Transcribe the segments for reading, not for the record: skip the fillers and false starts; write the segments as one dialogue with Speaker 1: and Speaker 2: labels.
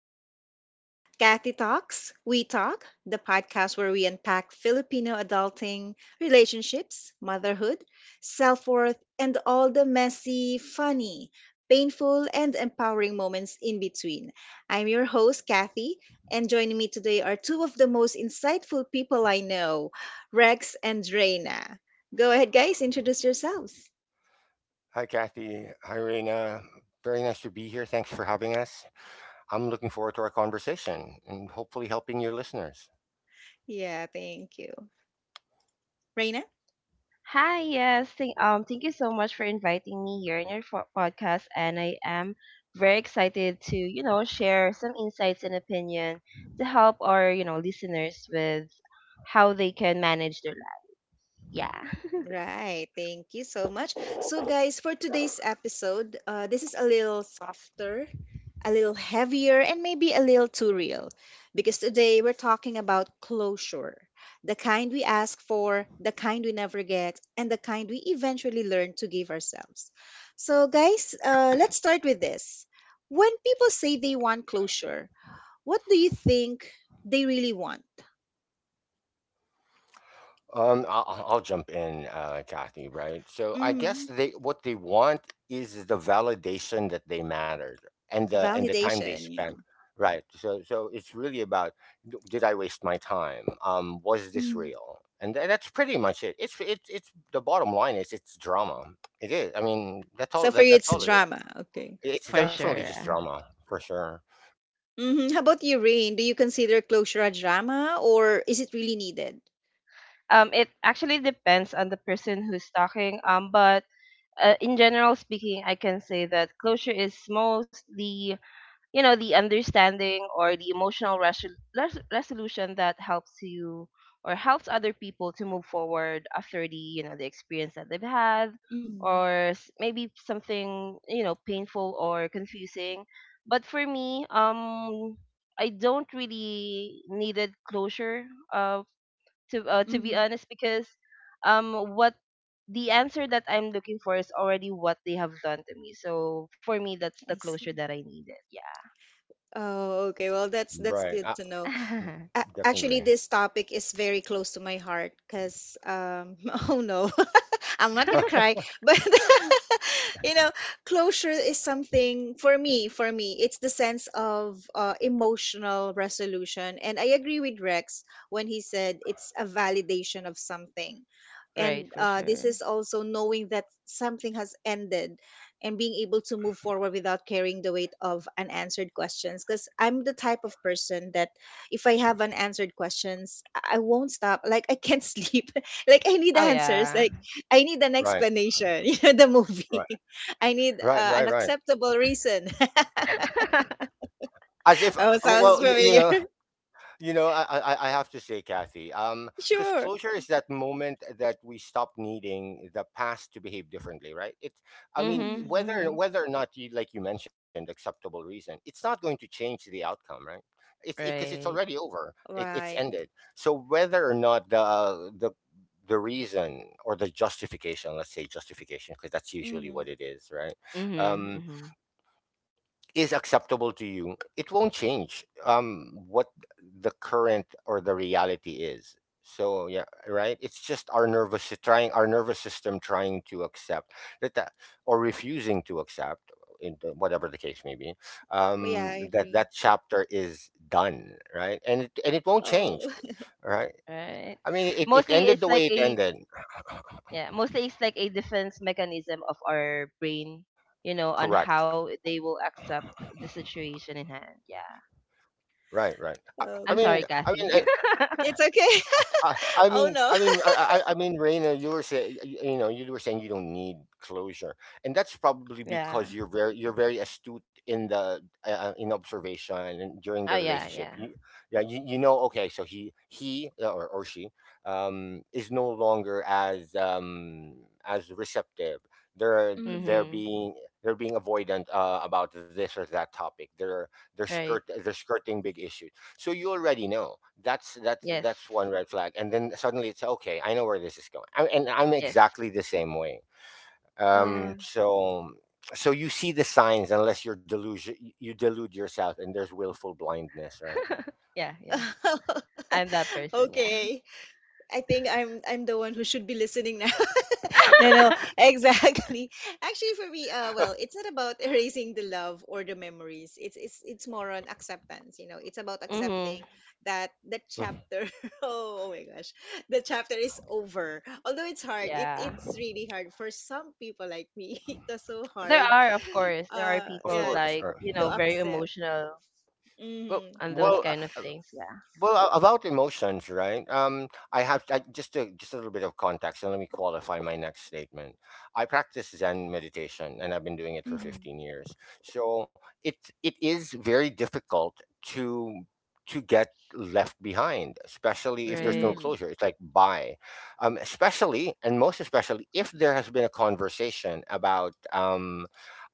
Speaker 1: This is Kathy Talks, We Talk, the podcast where we unpack Filipino adulting, relationships, motherhood, self worth, and all the messy, funny, painful, and empowering moments in between. I'm your host, Kathy, and joining me today are two of the most insightful people I know, Rex and Reina. Go ahead, guys, introduce yourselves.
Speaker 2: Hi, Kathy. Hi, Reina. Very nice to be here. Thanks for having us. I'm looking forward to our conversation and hopefully helping your listeners.
Speaker 1: Yeah, thank you. Reina?
Speaker 3: Hi, yes. Thank you so much for inviting me here in your podcast, and I am very excited to, share some insights and opinion to help our, listeners with how they can manage their life. Yeah,
Speaker 1: Right. Thank you so much. So, guys, for today's episode, this is a little softer, a little heavier, and maybe a little too real because today we're talking about closure, the kind we ask for, the kind we never get, and the kind we eventually learn to give ourselves. So, guys, let's start with this. When people say they want closure, what do you think they really want?
Speaker 2: I'll jump in, Kathy. Right. So I
Speaker 1: Hmm.
Speaker 2: guess they what they want is the validation that they mattered and the time
Speaker 1: Validation.
Speaker 2: they
Speaker 1: Yeah.
Speaker 2: spent. Right. So so it's really about did I waste my time? Was
Speaker 1: Mm-hmm.
Speaker 2: this real? And that's pretty much it. It's the bottom line is it's drama. It is. I mean, that's
Speaker 1: So for
Speaker 2: all.
Speaker 1: you, it's
Speaker 2: That's all. It is.
Speaker 1: drama. Okay.
Speaker 2: It's
Speaker 3: for
Speaker 2: definitely just
Speaker 3: sure.
Speaker 2: drama for sure.
Speaker 1: Hmm. How about you, Rain? Do you consider closure a drama or is it really needed?
Speaker 3: It actually depends on the person who's talking. But in general speaking, I can say that closure is mostly the understanding or the emotional resolution that helps you or helps other people to move forward after the you know the experience that they've had,
Speaker 1: Mm-hmm.
Speaker 3: or maybe something painful or confusing. But for me, I don't really needed closure, uh to be
Speaker 1: Mm-hmm.
Speaker 3: honest, because what the answer that I'm looking for is already what they have done to me, so for me that's the
Speaker 1: I
Speaker 3: closure
Speaker 1: see.
Speaker 3: that I needed.
Speaker 1: Oh, okay. Well, that's
Speaker 2: Right.
Speaker 1: good to know.
Speaker 2: Mm,
Speaker 1: Actually,
Speaker 2: definitely.
Speaker 1: this topic is very close to my heart because oh no, I'm not gonna cry, but you know, closure is something for me. For me, it's the sense of emotional resolution, and I agree with Rex when he said it's a validation of something,
Speaker 3: Right,
Speaker 1: and
Speaker 3: for
Speaker 1: this
Speaker 3: sure.
Speaker 1: is also knowing that something has ended and being able to move forward without carrying the weight of unanswered questions, because I'm the type of person that if I have unanswered questions, I won't stop, like I can't sleep, like I need
Speaker 3: Oh
Speaker 1: answers,
Speaker 3: yeah.
Speaker 1: like I need an
Speaker 2: Right.
Speaker 1: explanation. You know, the movie.
Speaker 2: Right.
Speaker 1: I need
Speaker 2: Right.
Speaker 1: an
Speaker 2: Right. Right.
Speaker 1: acceptable reason.
Speaker 2: As if,
Speaker 1: Oh, sounds
Speaker 2: well, you
Speaker 1: familiar.
Speaker 2: know. I have to say, Kathy, because
Speaker 1: Sure.
Speaker 2: closure is that moment that we stop needing the past to behave differently, right? I mean,
Speaker 3: Mhm,
Speaker 1: Hmm.
Speaker 2: whether
Speaker 3: mhm.
Speaker 2: whether or not you, like you mentioned, acceptable reason, it's not going to change the outcome, right? It's because it's
Speaker 3: Right.
Speaker 2: already over. It's
Speaker 1: Right.
Speaker 2: ended. So whether or not the reason or the justification, let's say justification, because that's usually
Speaker 1: Hmm.
Speaker 2: what it is, right?
Speaker 3: Mhm,
Speaker 2: Um,
Speaker 3: mhm.
Speaker 2: is acceptable to you, it won't change what the current or the reality is. So yeah, right. It's just our trying our nervous system trying to accept that or refusing to accept, whatever the case may be,
Speaker 1: Yeah, I
Speaker 2: that
Speaker 1: agree.
Speaker 2: that chapter is done, right? And it won't change,
Speaker 1: Oh,
Speaker 2: right?
Speaker 3: Right.
Speaker 2: I mean, it
Speaker 3: Mostly
Speaker 2: ended
Speaker 3: it's
Speaker 2: the
Speaker 3: like
Speaker 2: way it
Speaker 3: a
Speaker 2: ended.
Speaker 3: Yeah, mostly it's like a defense mechanism of our brain, on
Speaker 2: Correct.
Speaker 3: how they will accept the situation in hand. Yeah.
Speaker 2: Right. Right. I
Speaker 3: I'm
Speaker 1: okay.
Speaker 2: mean,
Speaker 3: sorry, Kathy.
Speaker 1: It's okay.
Speaker 2: I
Speaker 1: Oh,
Speaker 2: mean,
Speaker 1: no.
Speaker 2: I mean, I mean, Raina, you were saying, you know, you were saying you don't need closure, and that's probably
Speaker 3: Yeah.
Speaker 2: because you're very astute in the in observation and during the
Speaker 3: Oh yeah,
Speaker 2: relationship.
Speaker 3: yeah.
Speaker 2: Yeah, you know, okay, so he or she is no longer as receptive.
Speaker 1: Mm.
Speaker 2: They're
Speaker 3: Mhm.
Speaker 2: being they're being avoidant about this or that topic. They're skirt
Speaker 3: Right.
Speaker 2: they're skirting big issues so you already know that's
Speaker 3: Yes.
Speaker 2: that's one red flag, and then suddenly it's okay. I know where this is going, I, and I'm
Speaker 3: Yes.
Speaker 2: exactly the same way. Um,
Speaker 3: Yeah.
Speaker 1: Um,
Speaker 2: so so you see the signs, unless you're delusion, you delude yourself, and there's willful blindness, right?
Speaker 3: Yeah, yeah. I'm that person, yeah.
Speaker 1: okay. I think I'm the one who should be listening now. No, no, exactly. Actually, for me, well, it's not about erasing the love or the memories. It's more on acceptance. You know, it's about
Speaker 3: Mhm.
Speaker 1: accepting that the
Speaker 2: Mhm.
Speaker 1: chapter. Oh, oh my gosh, the chapter is over. Although it's hard, it
Speaker 3: Yeah.
Speaker 1: it's really hard for some people like me. It was so
Speaker 3: There
Speaker 1: hard.
Speaker 3: are, of course, there are
Speaker 2: Of
Speaker 3: people
Speaker 1: Yeah,
Speaker 2: course.
Speaker 3: like,
Speaker 2: Or,
Speaker 1: to
Speaker 3: very
Speaker 1: accept.
Speaker 3: emotional
Speaker 2: but
Speaker 1: Mm-hmm.
Speaker 3: on those
Speaker 2: well,
Speaker 3: kind of things. Yeah.
Speaker 2: Well, about emotions, right? Just just a little bit of context, and let me qualify my next statement. I practice Zen meditation, and I've been doing it for
Speaker 1: Mm-hmm.
Speaker 2: 15 years. So it is very difficult to to get left behind, especially if there's no
Speaker 3: Right.
Speaker 1: Mm-hmm.
Speaker 2: closure. It's like bye, especially and most especially if there has been a conversation about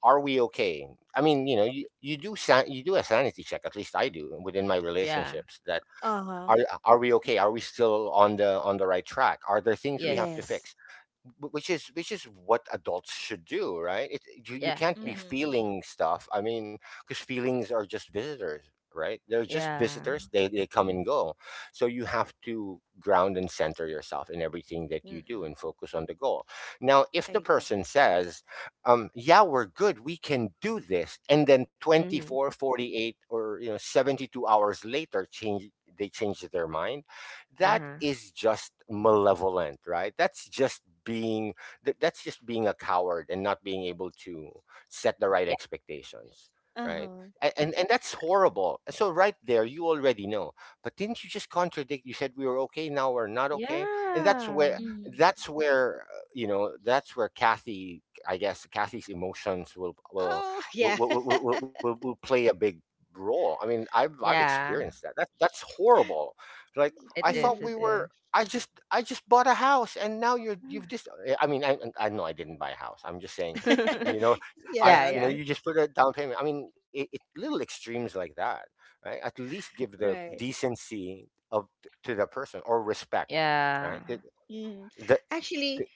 Speaker 2: are we okay? I mean, you know, you do you do a sanity check. At least I do within my
Speaker 3: Yeah.
Speaker 2: relationships. That
Speaker 1: Uh-huh.
Speaker 2: are are we okay? Are we still on the right track? Are there things we
Speaker 3: Yes.
Speaker 2: have to
Speaker 1: Yes.
Speaker 2: fix? Which is what adults should do, right? it You, you
Speaker 3: Yeah.
Speaker 2: can't be
Speaker 3: Yeah.
Speaker 1: Mm-hmm.
Speaker 2: feeling stuff. I mean, because feelings are just visitors, right? they're just
Speaker 3: Yeah.
Speaker 2: visitors They come and go. So you have to ground and center yourself in everything that you do
Speaker 1: Mm-hmm.
Speaker 2: and focus on the goal. Now if
Speaker 1: I
Speaker 2: the
Speaker 1: agree.
Speaker 2: person says yeah, we're good, we can do this, and then twenty
Speaker 3: Mm-hmm.
Speaker 2: four, 48, or you know 72 hours later change they change their mind, that
Speaker 3: Uh-huh.
Speaker 2: is just malevolent, right? That's just being a coward and not being able to set the right
Speaker 3: Yeah.
Speaker 2: expectations, right?
Speaker 1: Uh-huh.
Speaker 2: And that's horrible, so right there you already know. But didn't you just contradict? You said we were okay, now we're not okay. And that's
Speaker 3: Yeah.
Speaker 2: where
Speaker 1: Mhm.
Speaker 2: you know that's where Kathy, I guess Kathy's emotions will will
Speaker 1: Oh, yeah.
Speaker 2: will will, will, will, will will play a big role. I mean I've
Speaker 3: Yeah.
Speaker 2: experienced that. That's horrible. Like.
Speaker 3: It
Speaker 2: I
Speaker 3: is.
Speaker 2: thought we
Speaker 3: It
Speaker 1: Mm.
Speaker 2: were.
Speaker 3: is.
Speaker 2: I just bought a house, and now you've just. I mean, I know I didn't buy a house. I'm just saying, you know, I
Speaker 3: Yeah.
Speaker 1: Yeah,
Speaker 2: you know
Speaker 3: Yeah.
Speaker 1: okay.
Speaker 2: you just put a down payment. I mean, it little extremes like that, right? At least give the
Speaker 1: Right.
Speaker 2: decency of to the person or respect,
Speaker 3: Yeah.
Speaker 2: right?
Speaker 1: Mm.
Speaker 2: The,
Speaker 1: Actually,
Speaker 2: the-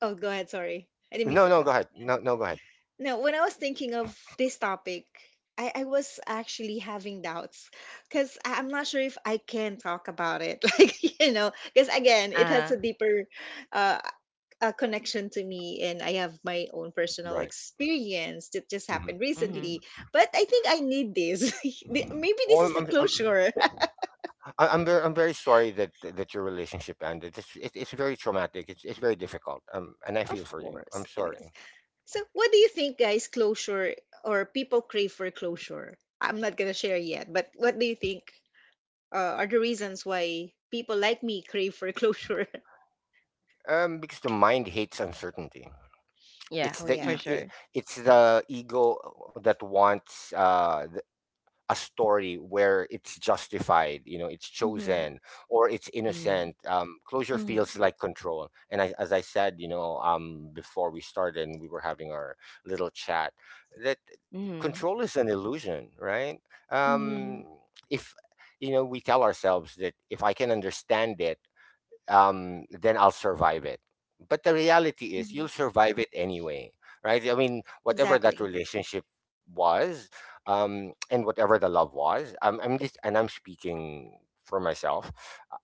Speaker 1: oh, go ahead. Sorry. I didn't mean
Speaker 2: no,
Speaker 1: to
Speaker 2: no,
Speaker 1: cut.
Speaker 2: go ahead.
Speaker 1: Yeah.
Speaker 2: No, no, go ahead.
Speaker 1: No, when I was thinking of this topic, I was actually having doubts because I'm not sure if I can talk about it. Like, you know, because again, it has
Speaker 3: Uh.
Speaker 1: a deeper, uh, a connection to me, and I have my own personal
Speaker 2: Right.
Speaker 1: experience that just
Speaker 2: hmm
Speaker 1: happened
Speaker 3: Mm-hmm.
Speaker 1: recently. But I think I need this. Maybe
Speaker 2: Oh,
Speaker 1: this
Speaker 2: I'm,
Speaker 1: is the
Speaker 2: I'm, I'm,
Speaker 1: closure.
Speaker 2: I'm very, I'm very sorry that that your relationship ended. It, it's very traumatic. It's very difficult. And I
Speaker 1: Of
Speaker 2: feel for you.
Speaker 1: course,
Speaker 2: I'm
Speaker 1: it is.
Speaker 2: sorry.
Speaker 1: So, what do you think, guys? Closure, or people crave for closure? I'm not gonna share yet, but what do you think are the reasons why people like me crave for closure?
Speaker 2: Because the mind hates uncertainty.
Speaker 3: Yeah.
Speaker 2: It's
Speaker 1: Oh
Speaker 2: the
Speaker 3: For
Speaker 2: e-
Speaker 1: yeah.
Speaker 2: i-
Speaker 3: sure.
Speaker 2: it's the ego that wants a story where it's justified, you know, it's
Speaker 1: Mm-hmm.
Speaker 2: chosen or it's
Speaker 3: Mm-hmm.
Speaker 2: innocent. Closure
Speaker 1: Mm-hmm.
Speaker 2: feels like control. And I, as I said, you know, before we started and we were having our little chat, that
Speaker 3: Mm-hmm.
Speaker 2: control is an illusion, right?
Speaker 1: Mm-hmm.
Speaker 2: Um, if you know, we tell ourselves that if I can understand it, then I'll survive it. But the reality is,
Speaker 1: Hmm.
Speaker 2: you'll survive it anyway, right? I mean, whatever that
Speaker 1: Exactly.
Speaker 2: relationship was, and whatever the love was, I'm just, and I'm speaking for myself.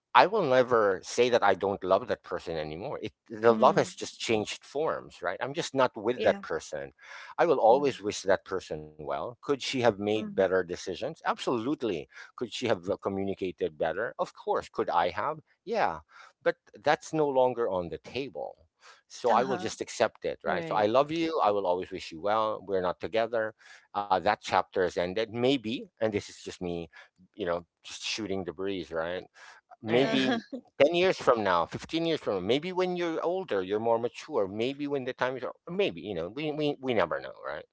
Speaker 2: I will never say that I don't love that person anymore. The love
Speaker 1: Mm-hmm.
Speaker 2: has just changed forms, right? I'm just not with that
Speaker 1: Yeah.
Speaker 2: person. I will always
Speaker 1: Mm-hmm.
Speaker 2: wish that person well. Could she have made
Speaker 1: Mm-hmm.
Speaker 2: better decisions? Absolutely. Could she have communicated better? Of course. Could I have? Yeah, but that's no longer on the table. So
Speaker 1: Uh
Speaker 2: I will
Speaker 1: huh.
Speaker 2: just accept it, right? So
Speaker 3: Right.
Speaker 2: I love you. I will always wish you well. We're not together. That chapter has ended. Maybe, and this is just me, you know, just shooting the breeze, right?
Speaker 3: All
Speaker 1: Uh
Speaker 3: right.
Speaker 1: huh.
Speaker 2: Maybe 10 years from now, 15 years from now, maybe when you're older, you're more mature, maybe when the time is, maybe, you know, we never know, right?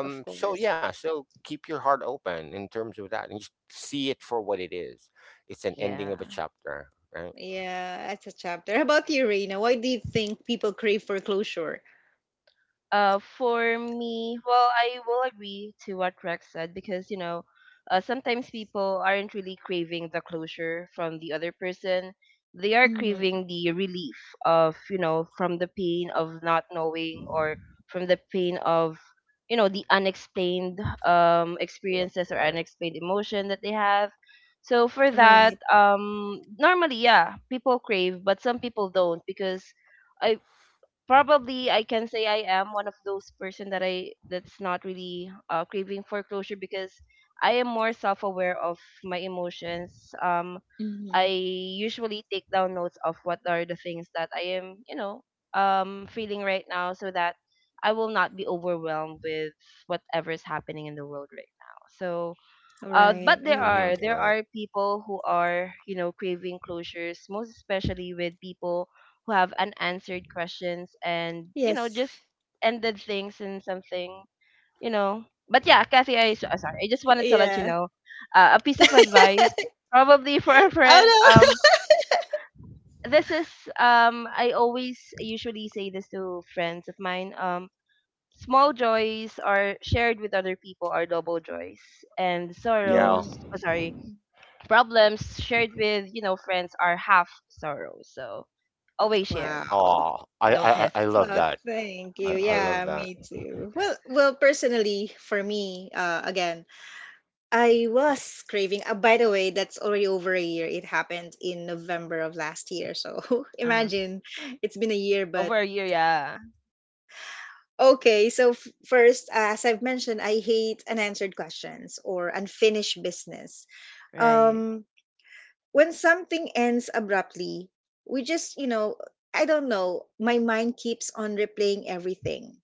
Speaker 1: Of
Speaker 2: So,
Speaker 1: course.
Speaker 2: yeah, so keep your heart open in terms of that and just see it for what it is. It's an ending
Speaker 3: Yeah.
Speaker 2: of a chapter, right?
Speaker 1: Yeah, that's a chapter. How about you, Reina? Why do you think people crave for closure?
Speaker 3: For me, well, I will agree to what Rex said, because sometimes people aren't really craving the closure from the other person. They are
Speaker 1: Hmm.
Speaker 3: craving the relief of you know from the pain of not knowing, or from the pain of the unexplained
Speaker 2: Right.
Speaker 3: experiences or
Speaker 2: right.
Speaker 3: unexplained emotion that they have. So for that,
Speaker 1: Right.
Speaker 3: normally, yeah, people crave, but some people don't, because I probably I can say I am one of those person that's not really craving foreclosure, because I am more self-aware of my emotions. Um, I
Speaker 1: Hmm.
Speaker 3: usually take down notes of what are the things that I am, feeling right now, so that I will not be overwhelmed with whatever is happening in the world right now. So but
Speaker 1: Right. I
Speaker 3: there
Speaker 2: Mhm,
Speaker 1: agree.
Speaker 3: are
Speaker 2: right.
Speaker 3: people who are craving closures, most especially with people who have unanswered questions and
Speaker 1: Yes.
Speaker 3: just ended things in something you know. But yeah, Kathy, sorry, I just wanted to let you
Speaker 1: Yeah.
Speaker 3: know, a piece of advice probably for a friend.
Speaker 1: Oh no.
Speaker 3: This is I always usually say this to friends of mine. Small joys are shared with other people are double joys, and
Speaker 2: Yeah.
Speaker 1: Mm.
Speaker 3: sorrows. Oh, sorry. Problems shared with, friends are half sorrow. So always share.
Speaker 1: Wow.
Speaker 2: Oh, I
Speaker 3: Don't
Speaker 2: I I I
Speaker 3: hesitate to
Speaker 2: love
Speaker 1: Wow,
Speaker 3: share.
Speaker 2: that.
Speaker 1: thank you.
Speaker 2: I
Speaker 3: Yeah.
Speaker 2: love
Speaker 1: Yeah,
Speaker 2: that.
Speaker 1: me too. Well, personally, for me, again, I was craving. By the way, that's already over a year. It happened in November of last year. So
Speaker 3: Uh-huh.
Speaker 1: imagine, it's been a year, but
Speaker 3: Over a year, yeah.
Speaker 1: okay, so first, as I've mentioned, I hate unanswered questions or unfinished business.
Speaker 3: Right.
Speaker 1: Um, when something ends abruptly, we just, you know, I don't know, my mind keeps on replaying everything,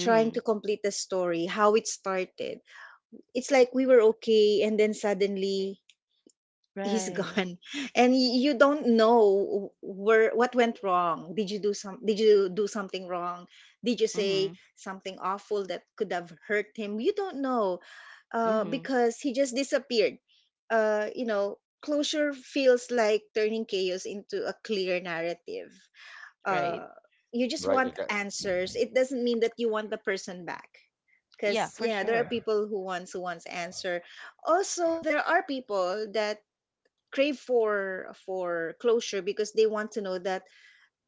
Speaker 1: trying to complete the story, how it started. It's like we were okay, and then suddenly he's
Speaker 3: Right.
Speaker 1: gone, and you don't know where, what went wrong, did you do something wrong, did you say
Speaker 3: Mm-hmm.
Speaker 1: something awful that could have hurt him? You don't know,
Speaker 3: Mm-hmm.
Speaker 1: because he just disappeared. You know, closure feels like turning chaos into a clear narrative,
Speaker 3: Right.
Speaker 1: uh, you just
Speaker 2: Right, it
Speaker 1: want
Speaker 2: that
Speaker 1: answers. It doesn't mean that you want the person back,
Speaker 3: Yeah,
Speaker 1: because
Speaker 3: for
Speaker 1: yeah, there are
Speaker 3: sure.
Speaker 1: people who wants answer. Also, there are people that crave for closure because they want to know that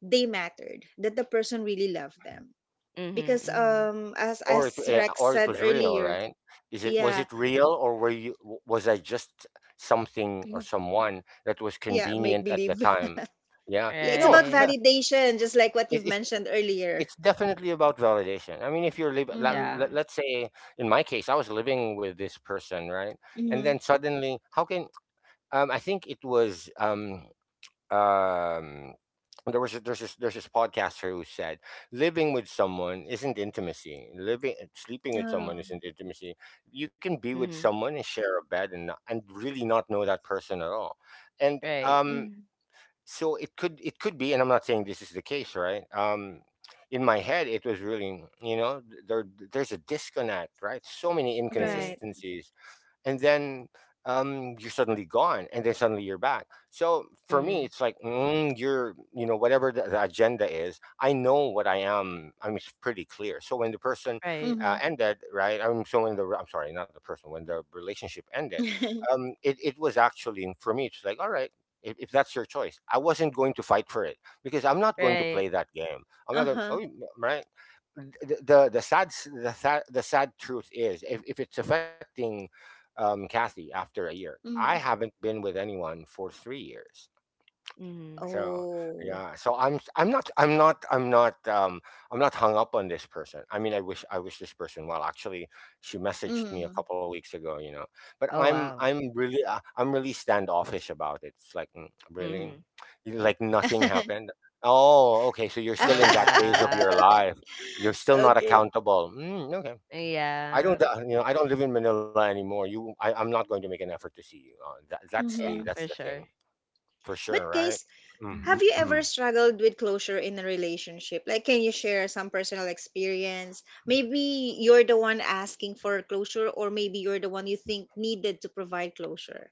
Speaker 1: they mattered, that the person really loved them,
Speaker 3: Mm-hmm.
Speaker 1: because
Speaker 3: Mm-hmm.
Speaker 1: as
Speaker 2: or it
Speaker 1: as Rex
Speaker 2: or it
Speaker 1: said
Speaker 2: was real,
Speaker 1: earlier.
Speaker 2: right? Is it was
Speaker 1: Yeah.
Speaker 2: it real, or were you w was I just something or
Speaker 1: Yeah.
Speaker 2: someone that was
Speaker 1: Yeah, make
Speaker 2: convenient at the
Speaker 1: believe.
Speaker 2: time? Yeah.
Speaker 1: Yeah,
Speaker 2: I
Speaker 1: it's
Speaker 2: know.
Speaker 1: about
Speaker 3: Right.
Speaker 2: No,
Speaker 1: validation, just like what
Speaker 2: it
Speaker 1: you've
Speaker 2: it's
Speaker 1: mentioned earlier.
Speaker 2: it's definitely about validation. I mean, if you're liv la
Speaker 1: Mm-hmm.
Speaker 3: Yeah.
Speaker 2: le let's say, in my case, I was living with this person, right? And
Speaker 1: Mm-hmm.
Speaker 2: then suddenly how can I think it was, um there was a, there's this podcaster who said living with someone isn't intimacy, living sleeping with
Speaker 1: Oh.
Speaker 2: someone isn't intimacy. You can be with
Speaker 3: Mm-hmm.
Speaker 2: someone and share a bed and not, and really not know that person at all. And
Speaker 3: Right.
Speaker 1: Mm.
Speaker 2: so it could be, and I'm not saying this is the case, right? In my head it was really, you know, there there's a disconnect, right? So many
Speaker 3: Right.
Speaker 1: Right.
Speaker 2: inconsistencies. And then you're suddenly gone, and then suddenly you're back. So for
Speaker 3: Mm-hmm.
Speaker 2: me it's like mm, you're you know whatever the agenda is, I know what I am. I mean, it's pretty clear. So when the person
Speaker 3: Right.
Speaker 1: Mm-hmm.
Speaker 2: ended right I'm so when the I'm sorry not the person when the relationship ended, it, it was actually for me it's like all right, if that's your choice, I wasn't going to fight for it, because I'm not going to
Speaker 3: Right.
Speaker 2: play that game. I'm not going
Speaker 1: Uh-huh.
Speaker 2: oh, right. The sad truth is, if it's affecting Kathy, after a year, I
Speaker 1: Mm.
Speaker 2: haven't been with anyone for 3 years.
Speaker 3: Mm-hmm.
Speaker 2: So,
Speaker 1: Oh.
Speaker 2: yeah, so I'm s- I'm not I'm not I'm not I'm not hung up on this person. I mean, I wish this person well. Actually, she messaged me a
Speaker 1: Mm.
Speaker 2: couple of weeks ago, you know. But
Speaker 3: Oh wow.
Speaker 2: I'm really standoffish about it. It's like, "Mm, really?
Speaker 3: Mm-hmm.
Speaker 2: Like nothing happened. Oh, okay. So you're
Speaker 3: Oh
Speaker 2: still in that phase of
Speaker 3: yeah.
Speaker 2: your life. You're still not
Speaker 1: Okay.
Speaker 2: accountable. Mm, okay. I
Speaker 3: Yeah.
Speaker 2: don't, you know, I don't live in Manila anymore. I'm not going to make an effort to see you. That,
Speaker 3: Yeah,
Speaker 1: Mm-hmm.
Speaker 2: that's the
Speaker 3: for
Speaker 2: thing
Speaker 3: sure.
Speaker 2: for sure,
Speaker 1: But
Speaker 2: right?
Speaker 1: guys, have you
Speaker 2: Mhm.
Speaker 1: ever struggled with closure in a relationship? Like, can you share some personal experience? Maybe you're the one asking for closure, or maybe you're the one you think needed to provide closure.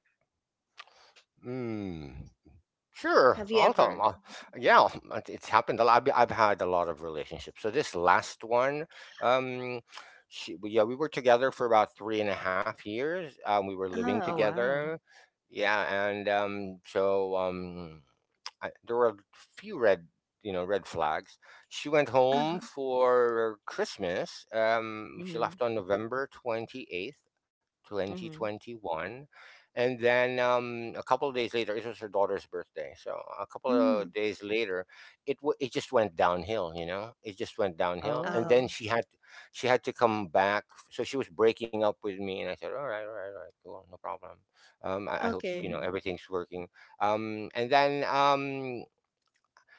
Speaker 2: Mm, sure.
Speaker 1: Have you
Speaker 2: I'll Also,
Speaker 1: ever?
Speaker 2: yeah, it's happened a lot. I've had a lot of relationships. So this last one, um, yeah, we were together for about 3.5 years. We were living
Speaker 3: Oh
Speaker 1: Oh,
Speaker 3: wow.
Speaker 2: together. Yeah, and I, there were a few you know, red flags. She went
Speaker 1: uh-huh.
Speaker 2: home for Christmas. She
Speaker 3: Mm-hmm.
Speaker 2: left on November 28th, twenty
Speaker 3: Mhm.
Speaker 2: twenty one and then a couple of days later, it was her daughter's birthday. So a couple
Speaker 1: Mm.
Speaker 2: of days later, it just went downhill. You know, it just went downhill. And
Speaker 1: Oh,
Speaker 3: Oh.
Speaker 2: then she had to come back. So she was breaking up with me, and I said, "All right, all right, all right, cool, no problem. I hope you
Speaker 1: okay.
Speaker 2: know
Speaker 3: Mm.
Speaker 2: everything's working." And then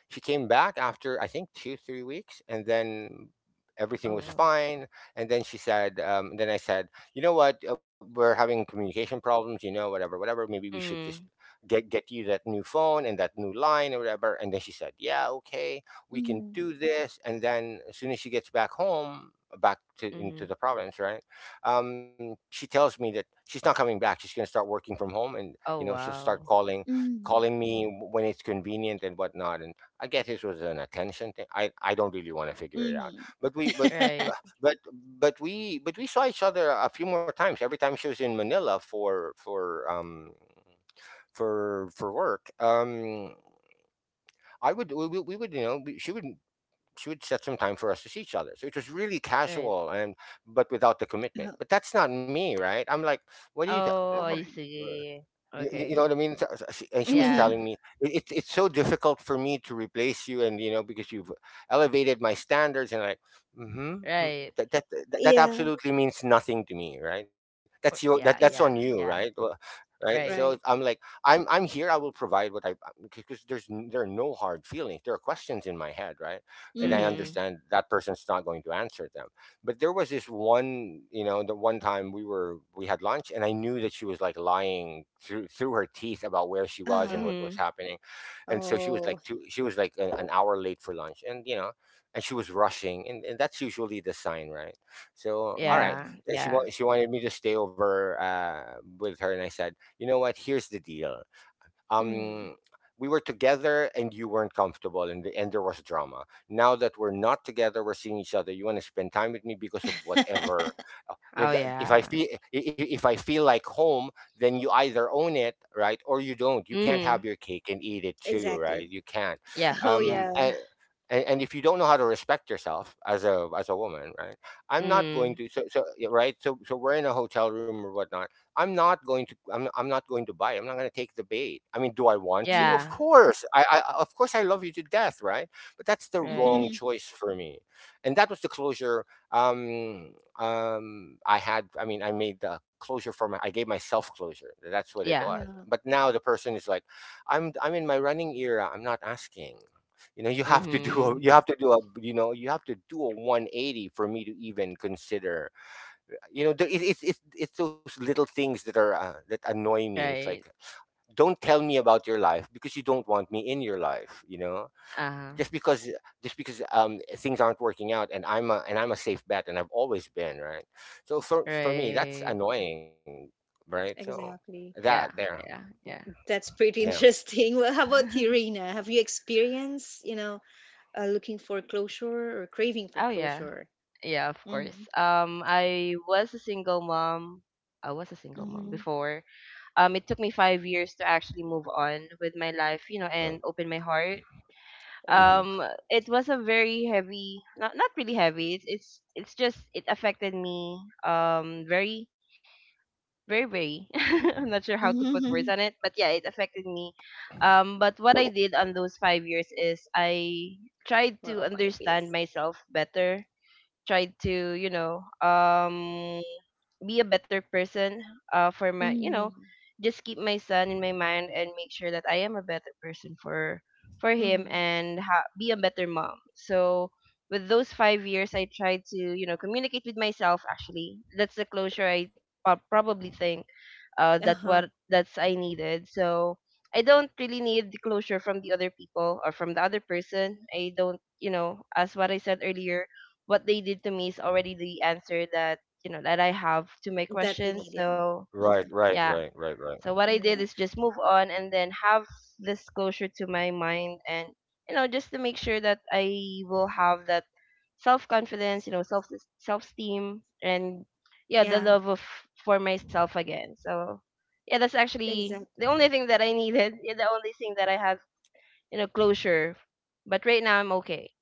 Speaker 2: she came back after I think 2 3 weeks, and then everything
Speaker 3: Oh
Speaker 2: was
Speaker 3: wow.
Speaker 2: fine. And then I said, you know what, we're having communication problems, you know, whatever, whatever. Maybe we should just
Speaker 3: Mm.
Speaker 2: get you that new phone and that new line or whatever. And then she said, yeah, okay, we can
Speaker 1: Mm.
Speaker 2: do this. And then as soon as she gets back home. Back to into
Speaker 3: Mm.
Speaker 2: the province, right? She tells me that she's not coming back. She's gonna start working from home, and you know
Speaker 3: Oh
Speaker 2: she'll start
Speaker 3: wow.
Speaker 2: calling
Speaker 1: Mm.
Speaker 2: calling me when it's convenient and whatnot. And I guess it was an attention thing. I don't really want to figure it out.
Speaker 1: Mm-hmm.
Speaker 2: But we but bu-
Speaker 3: Right.
Speaker 2: but but we saw each other a few more times. Every time she was in Manila for for work. I would we would you know we, she would set some time for us to see each other. So it was really
Speaker 3: Right.
Speaker 2: casual and but without the commitment. But that's not me, right? I'm like, what do you?
Speaker 3: Oh,
Speaker 1: Oh,
Speaker 3: I
Speaker 1: right.
Speaker 2: Th-
Speaker 3: see.
Speaker 2: you know
Speaker 3: Okay.
Speaker 2: what I mean? And she was
Speaker 1: Mm-hmm.
Speaker 3: Yeah.
Speaker 2: telling me, " It's so difficult for me to replace you, and you know because you've elevated my standards, and like, mm-hmm,
Speaker 3: Right.
Speaker 2: that
Speaker 1: Yeah,
Speaker 2: absolutely means nothing to me, right?
Speaker 3: For,
Speaker 2: That's
Speaker 3: yeah.
Speaker 2: on
Speaker 3: Yeah.
Speaker 2: you,
Speaker 1: exactly.
Speaker 2: right?
Speaker 3: Yeah.
Speaker 2: Well, right? So
Speaker 3: Right.
Speaker 2: I'm
Speaker 1: Right.
Speaker 2: like, I'm here. I will provide what I because there are no hard feelings. There are questions in my head, right? And I
Speaker 1: Mm-hmm.
Speaker 3: Mhm.
Speaker 2: understand that person's not going to answer them. But there was this one, you know, the one time we had lunch, and I knew that she was like lying through her teeth about where she was and
Speaker 1: Uh,
Speaker 2: what was
Speaker 3: Mhm.
Speaker 2: happening, and so
Speaker 1: oh.
Speaker 2: she was like an hour late for lunch, and you know, and she was rushing, and that's usually the sign, right? So all right,
Speaker 3: Yeah.
Speaker 1: Mm-hmm.
Speaker 2: then
Speaker 3: Yeah.
Speaker 2: she wanted me to stay over with her, and I said, you know what? Here's the deal, um we were together and you weren't comfortable, and there was drama. Now that we're not together, we're seeing each other. You want to spend time with me because of
Speaker 1: Mm.
Speaker 2: whatever. You
Speaker 3: Oh
Speaker 2: know, if I
Speaker 3: yeah.
Speaker 2: feel I- if I feel like home, then you either own it, right, or you don't. You can't have
Speaker 3: Mhm.
Speaker 2: your cake and eat it too,
Speaker 1: Exactly.
Speaker 2: right? You can't.
Speaker 3: Yeah.
Speaker 1: Oh,
Speaker 3: Yeah.
Speaker 2: um
Speaker 1: yeah.
Speaker 2: and, and if you don't know how to respect yourself as a woman, right, I'm not going
Speaker 3: Mm.
Speaker 2: to. Yeah, right. So so we're in a hotel room or whatnot. I'm not going to buy. I'm not going to take the bait. I mean, do I want to?
Speaker 1: Mm-hmm.
Speaker 2: Of
Speaker 3: Yeah.
Speaker 2: course. Of course I love you to death, right? But that's the wrong
Speaker 3: Right.
Speaker 1: Mhm.
Speaker 2: choice for me. And that was the closure. I had I mean I made the closure for my, I gave myself closure. That's what it
Speaker 3: Yeah.
Speaker 2: was.
Speaker 1: Yeah,
Speaker 2: But now the person is like, I'm in my running era. I'm not asking. You know, you have to do
Speaker 1: mhm,
Speaker 2: a you
Speaker 3: Mhm.
Speaker 2: have to do a you know you have to do a 180 for me to even consider. You know, it's those little things that are that annoy me. It's
Speaker 3: Right.
Speaker 2: like, don't tell me about your life because you don't want me in your life, you know.
Speaker 3: Uh-huh.
Speaker 2: Just because, things aren't working out, and I'm a safe bet, and I've always been, right? So for me, that's
Speaker 3: Right.
Speaker 2: annoying, right? So
Speaker 1: exactly.
Speaker 2: that
Speaker 3: Yeah.
Speaker 2: there.
Speaker 3: Yeah. Yeah.
Speaker 1: That's
Speaker 2: Yeah,
Speaker 1: pretty interesting. Well, how about you, Rina? Have you experienced, you know, looking for closure or craving for
Speaker 3: Oh yeah.
Speaker 1: closure?
Speaker 3: Yeah, of course.
Speaker 1: Mm-hmm.
Speaker 3: I was a single mom. I was a single mom
Speaker 1: Mm-hmm.
Speaker 3: before. It took me 5 years to actually move on with my life, you know,
Speaker 2: right.
Speaker 3: and open my heart.
Speaker 2: Hmm.
Speaker 1: Oh,
Speaker 3: Um, it was a very heavy, not not really heavy. It's it's just it affected me. Very very. I'm not sure how to put words
Speaker 1: mm-hmm.
Speaker 3: on it, but yeah, it affected me. But what I did on those 5 years is I tried to
Speaker 1: Well, five
Speaker 3: understand
Speaker 1: years.
Speaker 3: myself better, tried to be a better person for my,
Speaker 1: Mm-hmm.
Speaker 3: just keep my son in my mind and make sure that I am a better person for him,
Speaker 1: Mm-hmm.
Speaker 3: and be a better mom. So with those 5 years I tried to, communicate with myself, actually. That's the closure I probably think that
Speaker 1: Uh-huh.
Speaker 3: what that's I needed. So I don't really need the closure from the other people or from the other person. I don't, you know, as what I said earlier, what they did to me is already the answer that, that I have to my
Speaker 1: That you
Speaker 3: questions.
Speaker 1: need, yeah.
Speaker 3: So
Speaker 2: Right,
Speaker 1: Mm-hmm.
Speaker 2: right,
Speaker 3: yeah.
Speaker 2: right, right, right.
Speaker 3: So what I did
Speaker 1: Yeah.
Speaker 3: is just move on, and then have this closure to my mind, and just to make sure that I will have that self confidence, you know, self, self esteem, and yeah, the
Speaker 1: Yeah,
Speaker 3: love of, for myself again. So yeah, that's actually the
Speaker 1: exactly.
Speaker 3: only thing that I needed. Yeah, the only thing that I have, you know, closure. But right now I'm okay.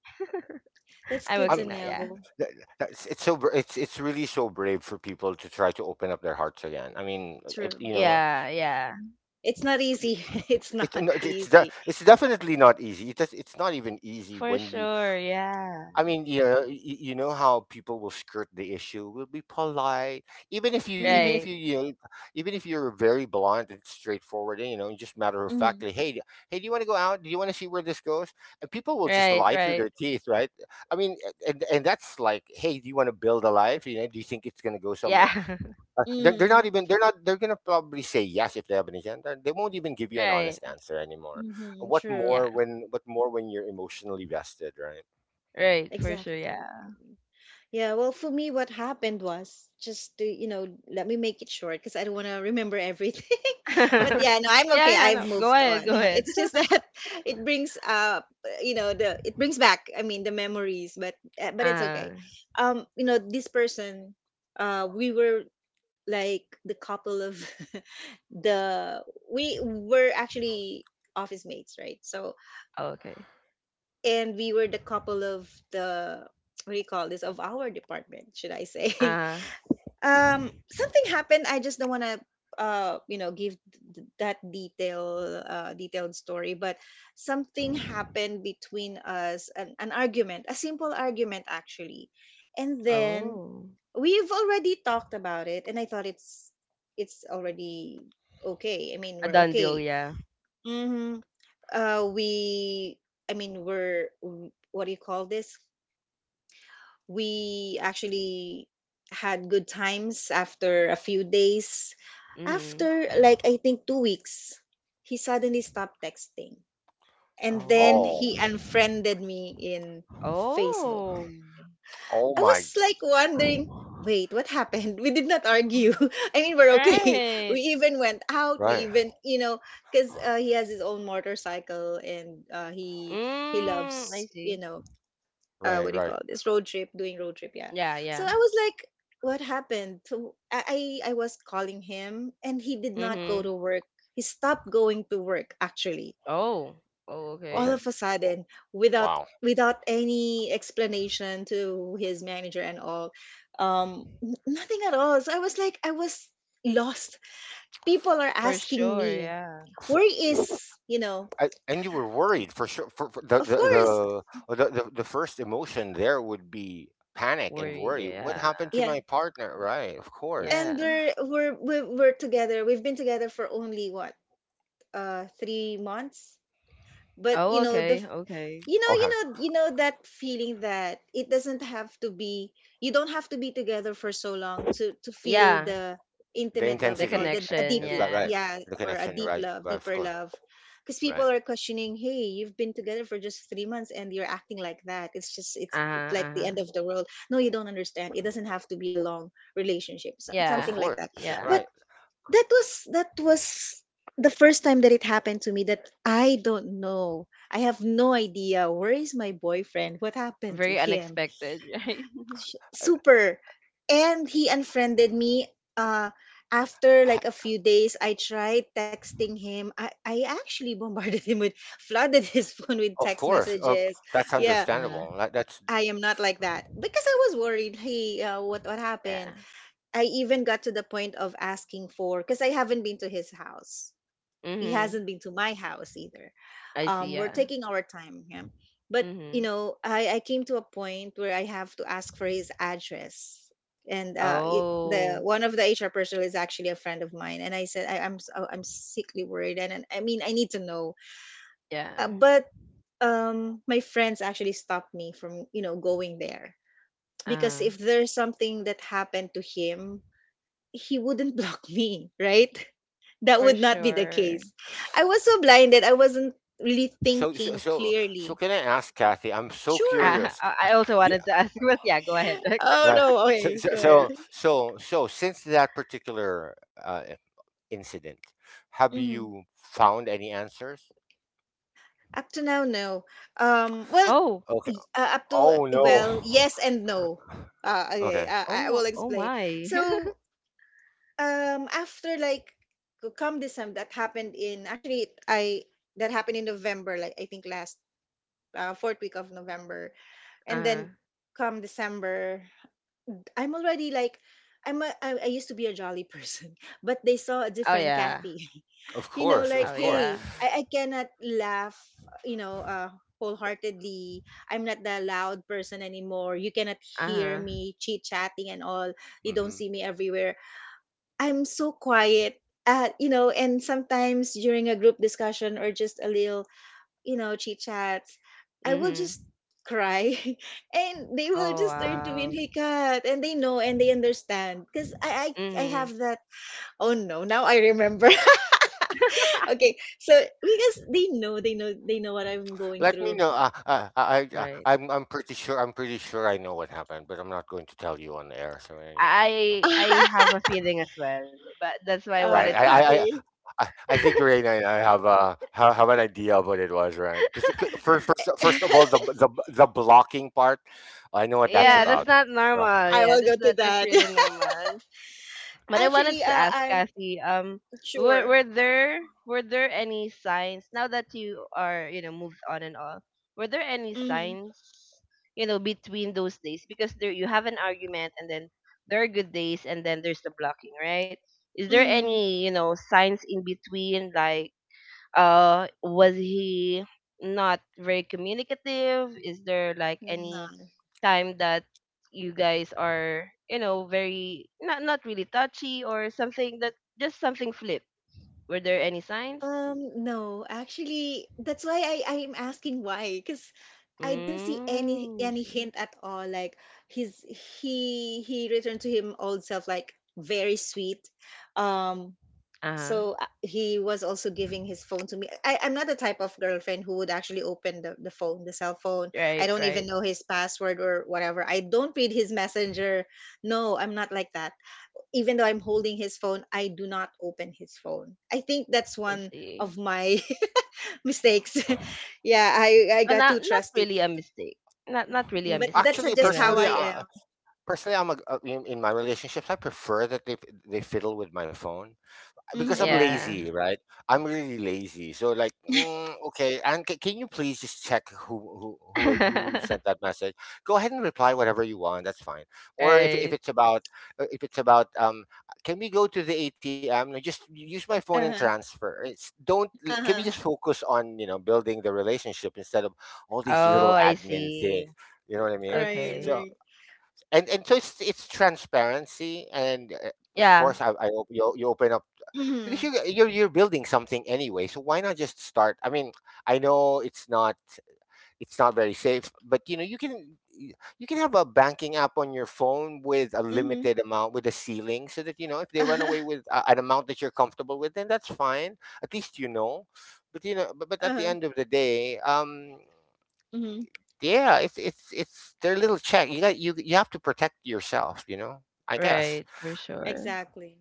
Speaker 1: That's
Speaker 3: I'm
Speaker 1: good
Speaker 2: I
Speaker 1: to
Speaker 3: okay now, yeah.
Speaker 1: know.
Speaker 2: That- that's, it's really so brave for people to try to open up their hearts again. I mean, it,
Speaker 1: True.
Speaker 2: you know,
Speaker 3: Yeah, yeah.
Speaker 1: It's not easy. It's not
Speaker 2: no,
Speaker 1: easy.
Speaker 2: it's definitely not easy. It's not even easy
Speaker 3: For
Speaker 2: when you,
Speaker 3: sure, yeah.
Speaker 2: I mean, yeah, you know how people will skirt the issue. Will be polite, even if you,
Speaker 1: Mm-hmm.
Speaker 3: Right.
Speaker 2: you know, even if you're very blunt and straightforward, and you know, and just matter of
Speaker 1: Mm-hmm.
Speaker 2: factly, hey, hey, do you want to go out? Do you want to see where this goes? And people will just
Speaker 3: Right,
Speaker 2: lie through
Speaker 3: right.
Speaker 2: their teeth, right? I mean, and that's like, hey, do you want to build a life? You know, do you think it's going to go somewhere?
Speaker 3: Yeah.
Speaker 2: They're not even, they're not they're gonna probably say yes. If they have an agenda, they won't even give you an
Speaker 3: Right.
Speaker 2: honest answer anymore.
Speaker 1: Mm-hmm. True.
Speaker 3: Yeah.
Speaker 2: What more when you're emotionally vested, right?
Speaker 3: Right, for sure,
Speaker 1: Exactly. what
Speaker 3: yeah.
Speaker 1: Yeah, well, for me, what happened was, just to, you know, let me make it short because I don't want to remember everything. But yeah, no, I'm
Speaker 3: Yeah,
Speaker 1: okay.
Speaker 3: yeah,
Speaker 1: I've
Speaker 3: no. Go
Speaker 1: moved
Speaker 3: ahead,
Speaker 1: on.
Speaker 3: go
Speaker 1: Yeah,
Speaker 3: ahead.
Speaker 1: it's just that it brings up, you know, the it brings back, I mean, the memories, but it's
Speaker 3: Uh,
Speaker 1: okay. You know, this person, we were like the couple of the we were actually office mates, right? So,
Speaker 3: oh, okay.
Speaker 1: and we were the couple of the, what do you call this, of our department, should I say.
Speaker 3: Uh,
Speaker 2: Mhm.
Speaker 1: Something happened, I just don't want to you know give that detailed story, but something happened between us, an argument, a simple argument actually, and then
Speaker 3: oh.
Speaker 1: we've already talked about it and I thought it's already okay, I mean
Speaker 3: A
Speaker 1: we're
Speaker 3: done deal,
Speaker 1: okay.
Speaker 3: yeah.
Speaker 1: Mhm. We, i mean we're what do you call this, we actually had good times. After a few days,
Speaker 3: Mm-hmm.
Speaker 1: after like I think 2 weeks, he suddenly stopped texting, and then
Speaker 2: Oh,
Speaker 1: he
Speaker 3: Oh.
Speaker 1: unfriended me in Facebook.
Speaker 3: Oh.
Speaker 2: oh
Speaker 1: I
Speaker 2: my.
Speaker 1: was like wondering, wait, what happened? We did not argue. I mean, we're okay.
Speaker 3: Right.
Speaker 1: We even went
Speaker 2: Right,
Speaker 1: out. We even, you know, because he has his own motorcycle, and he
Speaker 3: Mm, I
Speaker 1: loves, you
Speaker 3: see.
Speaker 1: know,
Speaker 2: right,
Speaker 1: what do you
Speaker 2: right.
Speaker 1: call this? Road trip, doing road trip. Yeah.
Speaker 3: Yeah,
Speaker 1: So
Speaker 3: yeah.
Speaker 1: I was like, what happened? So I was calling him, and he did not go
Speaker 3: Mm-hmm.
Speaker 1: to work. He stopped going to work, actually,
Speaker 3: Oh. Oh,
Speaker 1: all
Speaker 2: Okay.
Speaker 3: okay.
Speaker 1: of a
Speaker 2: Well,
Speaker 1: sudden, without
Speaker 2: wow.
Speaker 1: without any explanation to his manager and all. Nothing at all, so I was like, I was lost. People are
Speaker 3: For
Speaker 1: asking
Speaker 3: sure,
Speaker 1: me,
Speaker 3: yeah.
Speaker 1: where is, you know,
Speaker 2: And you were worried, for sure. For
Speaker 1: of
Speaker 2: the,
Speaker 1: course,
Speaker 2: The the first emotion there would be panic and
Speaker 3: Worried,
Speaker 2: worry. What
Speaker 3: yeah.
Speaker 2: happened to
Speaker 1: yeah.
Speaker 2: my partner? Right, of course.
Speaker 3: Yeah.
Speaker 1: And we're together, we've been together for only what 3 months, but
Speaker 3: Oh,
Speaker 1: you know the,
Speaker 3: okay, okay.
Speaker 1: you know, you
Speaker 2: Okay,
Speaker 1: know, you know that feeling that it doesn't have to be, you don't have to be together for so long to feel
Speaker 3: Yeah.
Speaker 1: the
Speaker 2: the
Speaker 1: intimate love
Speaker 3: The
Speaker 1: and
Speaker 2: intensity.
Speaker 1: all the, a
Speaker 3: connection,
Speaker 1: deep,
Speaker 2: Right,
Speaker 3: yeah.
Speaker 2: right.
Speaker 1: yeah,
Speaker 2: The
Speaker 1: or a
Speaker 2: connection. Right, right. Of
Speaker 1: deeper
Speaker 2: course.
Speaker 1: love. Because people
Speaker 2: Right,
Speaker 1: are questioning, hey, you've been together for just 3 months and you're acting like that, it's just, it's
Speaker 3: Uh-huh,
Speaker 1: like the end of
Speaker 3: uh.
Speaker 1: the world. No, you don't understand, it doesn't have to be a long relationship,
Speaker 3: Yeah,
Speaker 2: of
Speaker 1: something like that.
Speaker 2: course. Right.
Speaker 3: yeah.
Speaker 1: That was the first time that it happened to me, that I don't know, I have no idea where is my boyfriend? What happened to
Speaker 3: Very
Speaker 1: him?
Speaker 3: unexpected, right?
Speaker 2: Uh,
Speaker 1: Super. And he unfriended me. uh After like
Speaker 2: ha-
Speaker 1: a few days I tried texting him. I actually bombarded him with, flooded his phone with
Speaker 2: of
Speaker 1: text
Speaker 2: course.
Speaker 1: messages.
Speaker 2: That's
Speaker 1: Yeah,
Speaker 3: Uh,
Speaker 2: understandable. Like, that's,
Speaker 1: I am not like that, because I was worried, hey, what happened?
Speaker 3: yeah.
Speaker 1: I even got to the point of asking for, because I haven't been to his house, he
Speaker 3: Mm-hmm.
Speaker 1: hasn't been to my house either.
Speaker 3: I see,
Speaker 1: We're
Speaker 3: yeah.
Speaker 1: taking our time, yeah. But
Speaker 3: Mm-hmm.
Speaker 1: you know, I came to a point where I have to ask for his address, and the
Speaker 3: Oh,
Speaker 1: one of the HR personnel is actually a friend of mine, and I said I'm I'm sickly worried, and I mean I need to know,
Speaker 3: yeah.
Speaker 1: but my friends actually stopped me from, you know, going there, because
Speaker 3: Uh,
Speaker 1: if there's something that happened to him, he wouldn't block me, right? That
Speaker 3: for
Speaker 1: would not be the
Speaker 3: sure.
Speaker 1: case. I was so blinded, I wasn't really thinking
Speaker 2: so.
Speaker 1: clearly.
Speaker 2: Can I ask Kathy? I'm so
Speaker 1: Sure.
Speaker 2: curious.
Speaker 3: I also
Speaker 2: Yeah.
Speaker 3: wanted to ask, but yeah, go ahead, Rex.
Speaker 1: Oh
Speaker 2: Right.
Speaker 1: no.
Speaker 2: So
Speaker 1: Okay,
Speaker 2: so
Speaker 1: go ahead.
Speaker 2: so so, so since that particular incident. Have
Speaker 1: Hmm.
Speaker 2: you found any answers?
Speaker 1: Up to now, no. Well,
Speaker 3: Oh,
Speaker 2: Okay.
Speaker 1: y- uh, up to,
Speaker 2: Oh
Speaker 1: well,
Speaker 2: no.
Speaker 1: yes and no. Okay,
Speaker 2: Okay.
Speaker 1: I will
Speaker 3: oh
Speaker 1: explain.
Speaker 3: my.
Speaker 1: So, after like come December, that happened in, actually, I, that happened in November, like I think last fourth week of November, and
Speaker 3: uh,
Speaker 1: then come December, I'm already like. I used to be a jolly person, but they saw a
Speaker 3: oh
Speaker 1: different
Speaker 3: yeah.
Speaker 1: Kathy.
Speaker 2: Of
Speaker 1: You know,
Speaker 2: course,
Speaker 1: like,
Speaker 3: Oh
Speaker 2: of course.
Speaker 3: yeah.
Speaker 1: hey, I cannot laugh, you know, uh, wholeheartedly. I'm not the loud person anymore. You cannot hear
Speaker 3: Uh-huh.
Speaker 1: me chit chatting and all. You don't
Speaker 2: Hmm.
Speaker 1: see me everywhere. I'm so quiet. And sometimes during a group discussion or just a little chit chats, I will
Speaker 3: Mm-hmm.
Speaker 1: just cry, and they will
Speaker 3: Oh
Speaker 1: just turn to me and
Speaker 3: wow.
Speaker 1: hey cat, and they know and they understand because I
Speaker 3: Mm-hmm.
Speaker 1: have that. Oh no, now I remember. Okay, so because they know what I'm going
Speaker 2: Let me
Speaker 1: through.
Speaker 2: know.
Speaker 3: Right.
Speaker 2: I'm pretty sure. I'm pretty sure I know what happened, but I'm not going to tell you on air. So anyway,
Speaker 3: I
Speaker 2: okay.
Speaker 3: I
Speaker 1: uh,
Speaker 3: have a feeling as well, but that's why I
Speaker 2: Right.
Speaker 3: wanted
Speaker 2: I,
Speaker 3: to
Speaker 2: I,
Speaker 3: ask.
Speaker 2: I,
Speaker 1: okay.
Speaker 2: I I think Raina and I have an idea of what it was, right? Because first of all, the blocking part. I know what that's
Speaker 3: Yeah,
Speaker 1: Yeah,
Speaker 3: that's
Speaker 2: about.
Speaker 3: not
Speaker 2: Uh,
Speaker 3: normal.
Speaker 1: I
Speaker 3: Yeah,
Speaker 1: will
Speaker 2: uh,
Speaker 1: go
Speaker 3: that's
Speaker 1: to
Speaker 3: not that's
Speaker 1: that.
Speaker 3: really normal. But I wanted
Speaker 1: Actually,
Speaker 3: to ask
Speaker 1: I'm
Speaker 3: Kathy, were
Speaker 1: sure.
Speaker 3: were there were there any signs now that you are, you know, moved on and all, were there any
Speaker 1: Mm-hmm.
Speaker 3: signs, between those days? Because there you have an argument, and then there are good days, and then there's the blocking, right? Is there
Speaker 1: Mm.
Speaker 3: any, signs in between, like was he not very communicative, is there like any time that you guys are, very not really touchy, or something that just something flipped, were there any signs?
Speaker 1: No, actually, that's why I am asking why, because I didn't see any
Speaker 3: Mm, I
Speaker 1: any
Speaker 3: see.
Speaker 1: hint at all. Like his he returned to him old self, like very sweet. Um,
Speaker 3: Uh-huh.
Speaker 1: so he was also giving his phone to me. I'm not the type of girlfriend who would actually open the phone, the cell phone. I
Speaker 3: Right,
Speaker 1: don't even
Speaker 3: right.
Speaker 1: know his password or whatever. I don't read his messenger. No, I'm not like that. Even though I'm holding his phone, I do not open his phone. I think that's
Speaker 3: I
Speaker 1: one
Speaker 3: see.
Speaker 1: of my mistakes.
Speaker 2: uh,
Speaker 1: Yeah, I
Speaker 3: Oh,
Speaker 1: got too
Speaker 3: not
Speaker 1: trusty,
Speaker 3: really a mistake, not really a
Speaker 1: but that's
Speaker 3: mistake,
Speaker 2: Actually,
Speaker 3: you
Speaker 1: just how
Speaker 3: know.
Speaker 2: personally,
Speaker 1: I am.
Speaker 2: personally, I'm a, in my relationships, I prefer that they fiddle with my phone, because I'm
Speaker 1: Mm-hmm.
Speaker 3: Yeah.
Speaker 2: lazy, right? I'm really lazy. So like, mm, okay, and can you please just check who sent that message? Go ahead and reply whatever you want. That's fine. Or if
Speaker 3: Right.
Speaker 2: it's about uh, if it's about um, can we go to the ATM? No, just use my phone and
Speaker 1: Uh huh.
Speaker 2: transfer. It's, don't,
Speaker 1: Uh
Speaker 2: can we
Speaker 1: huh.
Speaker 2: just focus on you know building the relationship instead of all these little
Speaker 3: Oh, I
Speaker 2: admin things?
Speaker 3: see.
Speaker 2: You know what I mean?
Speaker 1: Right.
Speaker 3: Okay.
Speaker 2: So,
Speaker 1: Right.
Speaker 2: and so it's transparency and of
Speaker 3: Yeah.
Speaker 2: course I hope you, you open up because
Speaker 1: Mm-hmm.
Speaker 2: you're building something anyway, so why not just start? I mean, I know it's not, it's not very safe, but you know, you can have a banking app on your phone with a
Speaker 1: Mm-hmm.
Speaker 2: limited amount, with a ceiling, so that you know if they run away with a, an amount that you're comfortable with, then that's fine. At least you know. But, but
Speaker 1: Uh
Speaker 2: at the
Speaker 1: huh.
Speaker 2: end of the day,
Speaker 1: Uh huh.
Speaker 2: yeah, it's their little check. You got you, you have to protect yourself, you know. I guess.
Speaker 3: Right, for sure.
Speaker 1: Exactly.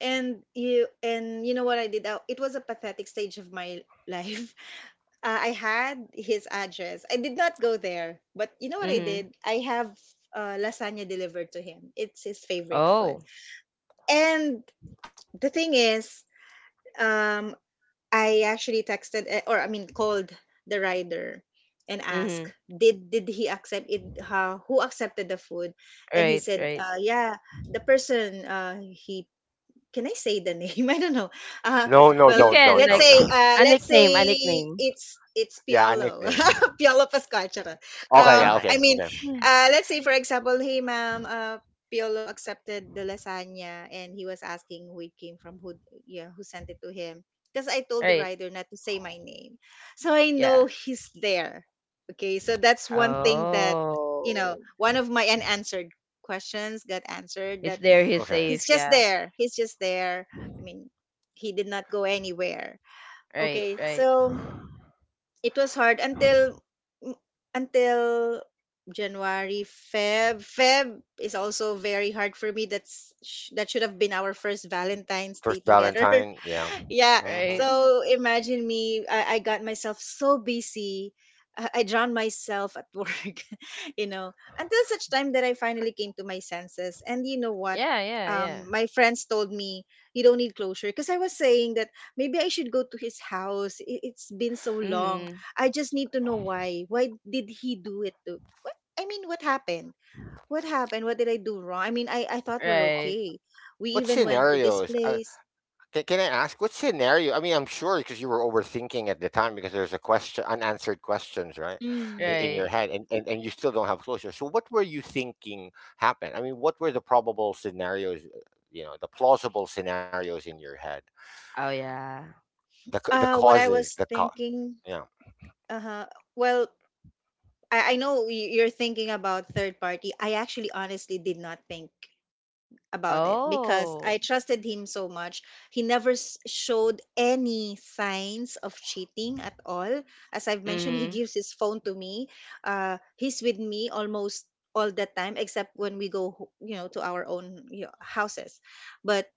Speaker 1: And you know what I did? It was a pathetic stage of my life. I had his address. I did not go there, but you know what I
Speaker 3: Mm-hmm.
Speaker 1: did? I have lasagna delivered to him. It's his favorite food.
Speaker 3: Oh.
Speaker 1: And the thing is, um, I actually texted, or I mean called the rider, and
Speaker 3: Mm-hmm.
Speaker 1: asked, did he accept it? How, who accepted the food? And he
Speaker 3: Right,
Speaker 1: said,
Speaker 3: right.
Speaker 1: yeah, the person, he, can I say the name? I don't know. Uh,
Speaker 2: No, no,
Speaker 3: You
Speaker 1: well,
Speaker 3: can
Speaker 1: let's
Speaker 3: like
Speaker 2: don't,
Speaker 1: say,
Speaker 2: no.
Speaker 3: a nickname, a nickname.
Speaker 1: it's
Speaker 2: Yeah, a
Speaker 1: Piolo,
Speaker 2: nickname.
Speaker 1: Piolo Pascuachara.
Speaker 2: Okay, yeah,
Speaker 3: Okay.
Speaker 1: I
Speaker 2: okay,
Speaker 1: mean,
Speaker 2: okay,
Speaker 3: Yeah.
Speaker 1: let's say for example, hey ma'am, Piolo accepted the lasagna, and he was asking who it came from, who, yeah, who sent it to him. Because I told the
Speaker 3: Right.
Speaker 1: rider not to say my name, so I
Speaker 3: Yeah.
Speaker 1: know he's there. Okay, so that's one thing that,
Speaker 3: Oh.
Speaker 1: one of my unanswered questions got answered.
Speaker 3: It's
Speaker 1: That
Speaker 3: there, he's
Speaker 2: okay.
Speaker 1: he's
Speaker 3: safe,
Speaker 1: just
Speaker 3: yeah.
Speaker 1: there. He's just there. I mean, he did not go anywhere.
Speaker 3: Right,
Speaker 1: Okay,
Speaker 3: right.
Speaker 1: so it was hard until, mm, until January, Feb is also very hard for me. That should have been our first Valentine's
Speaker 2: First
Speaker 1: Day together.
Speaker 2: Valentine, yeah.
Speaker 1: Yeah,
Speaker 3: Right.
Speaker 2: Mm-hmm.
Speaker 1: so imagine me, I got myself so busy, I drowned myself at work you know, until such time that I finally came to my senses. And you know what,
Speaker 3: Yeah, yeah, yeah.
Speaker 1: my friends told me, you don't need closure, because I was saying that maybe I should go to his house. It's been so long.
Speaker 3: Mm-hmm.
Speaker 1: I just need to know, why did he do it? To what, I mean what happened, what happened, what did I do wrong? I mean, I thought we're
Speaker 3: Right.
Speaker 1: okay. We
Speaker 2: What
Speaker 1: even went to this
Speaker 2: scenarios?
Speaker 1: place.
Speaker 2: Can I ask what scenario? I mean, I'm sure because you were overthinking at the time because there's a question, unanswered questions, right,
Speaker 1: Mm-hmm.
Speaker 2: in your
Speaker 3: Right.
Speaker 2: head, and you still don't have closure. So, so what were you thinking happened? I mean, what were the probable scenarios? You know, the plausible scenarios in your head.
Speaker 3: Oh yeah.
Speaker 2: the c- the
Speaker 1: What I
Speaker 2: causes
Speaker 1: was
Speaker 2: the cause.
Speaker 1: thinking,
Speaker 2: Yeah.
Speaker 1: uh-huh. Well, I know y- you're thinking about third party. I actually honestly did not think about it because
Speaker 3: Oh.
Speaker 1: I trusted him so much. He never s- showed any signs of cheating at all. As I've mentioned, he
Speaker 3: Mm-hmm.
Speaker 1: gives his phone to me. He's with me almost all the time, except when we go, ho- you know, to our own you know, houses. But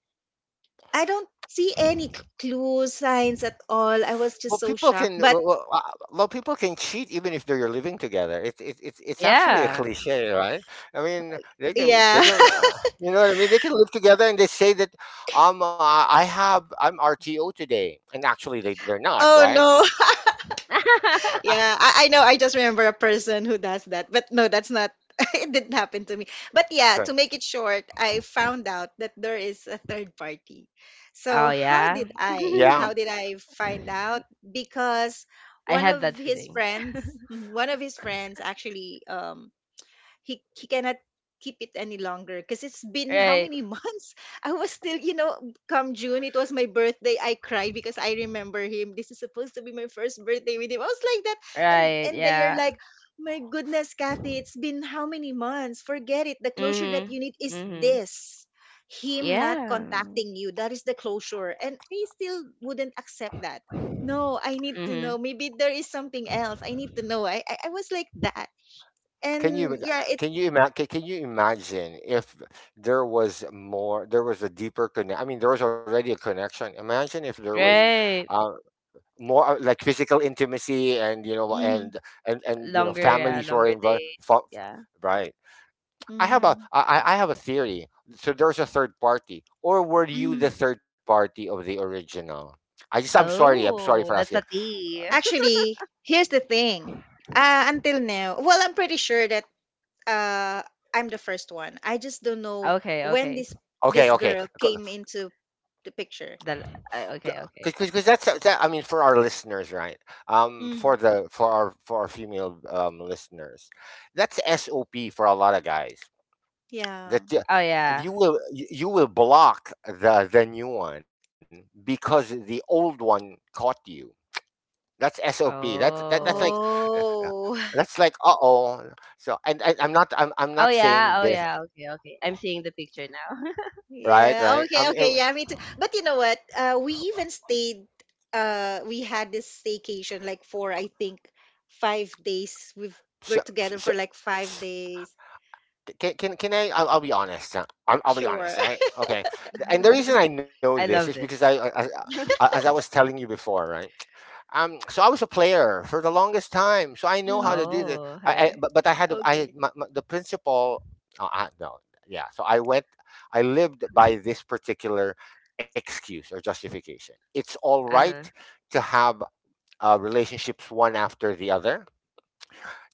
Speaker 1: I don't see any
Speaker 2: Hmm.
Speaker 1: c- clues, signs at all. I was
Speaker 2: Well,
Speaker 1: just so
Speaker 2: people
Speaker 1: shocked.
Speaker 2: can,
Speaker 1: But
Speaker 2: well, people can cheat even if they're living together. It's actually a
Speaker 3: Yeah.
Speaker 2: cliche, right? I mean, they can,
Speaker 1: yeah
Speaker 2: you know what I mean? They can live together and they say that, I have, I'm RTO today, and actually they they're not,
Speaker 1: Oh
Speaker 2: right?
Speaker 1: no.
Speaker 2: Uh, uh,
Speaker 1: Yeah, I know. I just remember a person who does that. But no, that's not it didn't happen to me. But yeah, to
Speaker 2: okay.
Speaker 1: make it short, I found out that there is a third party.
Speaker 3: Oh
Speaker 1: So how
Speaker 3: yeah.
Speaker 1: did I?
Speaker 2: Yeah.
Speaker 1: How did I find out? Because
Speaker 3: I
Speaker 1: one
Speaker 3: had
Speaker 1: of
Speaker 3: that
Speaker 1: his
Speaker 3: feeling.
Speaker 1: friends, mhm, one of his friends actually he cannot keep it any longer because it's been how
Speaker 3: Right.
Speaker 1: many months I was still you know come june it was my birthday I cried because I remember him this is supposed to be my first birthday with him I was like that
Speaker 3: Right.
Speaker 1: and they are
Speaker 3: Yeah.
Speaker 1: like my goodness kathy it's been how many months forget it the closure that you
Speaker 3: Mhm.
Speaker 1: need is
Speaker 3: Mhm.
Speaker 1: this him not
Speaker 3: Yeah.
Speaker 1: contacting you that is the closure and I still wouldn't accept that no I need to
Speaker 3: Mhm.
Speaker 1: know maybe there is something else I need to know I was like that
Speaker 2: Can you,
Speaker 1: and yeah it
Speaker 2: can you imagine if there was more, there was a deeper connection? I mean, there was already a connection. Imagine if there was
Speaker 1: Mhm,
Speaker 3: Right.
Speaker 2: um, more like physical intimacy and
Speaker 1: mhm,
Speaker 2: and you know
Speaker 3: Longer, yeah,
Speaker 2: families who are
Speaker 3: longer days.
Speaker 2: involved,
Speaker 3: Yeah.
Speaker 2: right. I have a
Speaker 1: mm,
Speaker 2: I have a theory. So there's a third party, or were you
Speaker 1: mhm.
Speaker 2: the third party of the original? I just, I'm sorry for
Speaker 3: Oh, that's
Speaker 2: asking.
Speaker 3: a tea.
Speaker 1: Actually, here's the thing. Until now, well, I'm pretty sure that, uh, I'm the first one. I just don't know
Speaker 3: Okay,
Speaker 1: when
Speaker 3: okay.
Speaker 1: this
Speaker 2: Okay,
Speaker 1: this
Speaker 2: okay.
Speaker 1: girl came into the picture.
Speaker 3: Then okay, okay.
Speaker 2: Because that's I mean, for our listeners, right? Um, for
Speaker 1: Mm.
Speaker 2: the for our female listeners, that's sop for a lot of guys. that
Speaker 1: Yeah.
Speaker 2: you,
Speaker 3: Oh yeah.
Speaker 2: you will, you will block the new one because the old one caught you. That's sop. That's like,
Speaker 3: Oh.
Speaker 1: Oh,
Speaker 2: that's like uh-oh. So, and I'm
Speaker 3: Oh
Speaker 2: not saying
Speaker 3: yeah. Oh
Speaker 2: this.
Speaker 3: yeah. Okay, okay. I'm seeing the picture now.
Speaker 2: Right,
Speaker 1: yeah.
Speaker 2: right.
Speaker 1: Okay, okay. Yeah, me too. But you know what? We even stayed. We had this staycation, like for I think 5 days. We're
Speaker 2: So,
Speaker 1: together
Speaker 2: so
Speaker 1: for like 5 days.
Speaker 2: can, can I? I'll be honest. I'll be
Speaker 1: Sure.
Speaker 2: honest, right? Okay. And the reason I know this
Speaker 3: I
Speaker 2: is
Speaker 3: love
Speaker 2: because I,
Speaker 3: this.
Speaker 2: as I was telling you before, right? So I was a player for the longest time, so I know how to do this.
Speaker 3: Oh, hey.
Speaker 2: But I I
Speaker 1: Okay.
Speaker 2: my, my, the principal. No, Yeah. So I went. I lived by this particular excuse or justification. It's all
Speaker 3: Uh-huh.
Speaker 2: right to have relationships one after the other,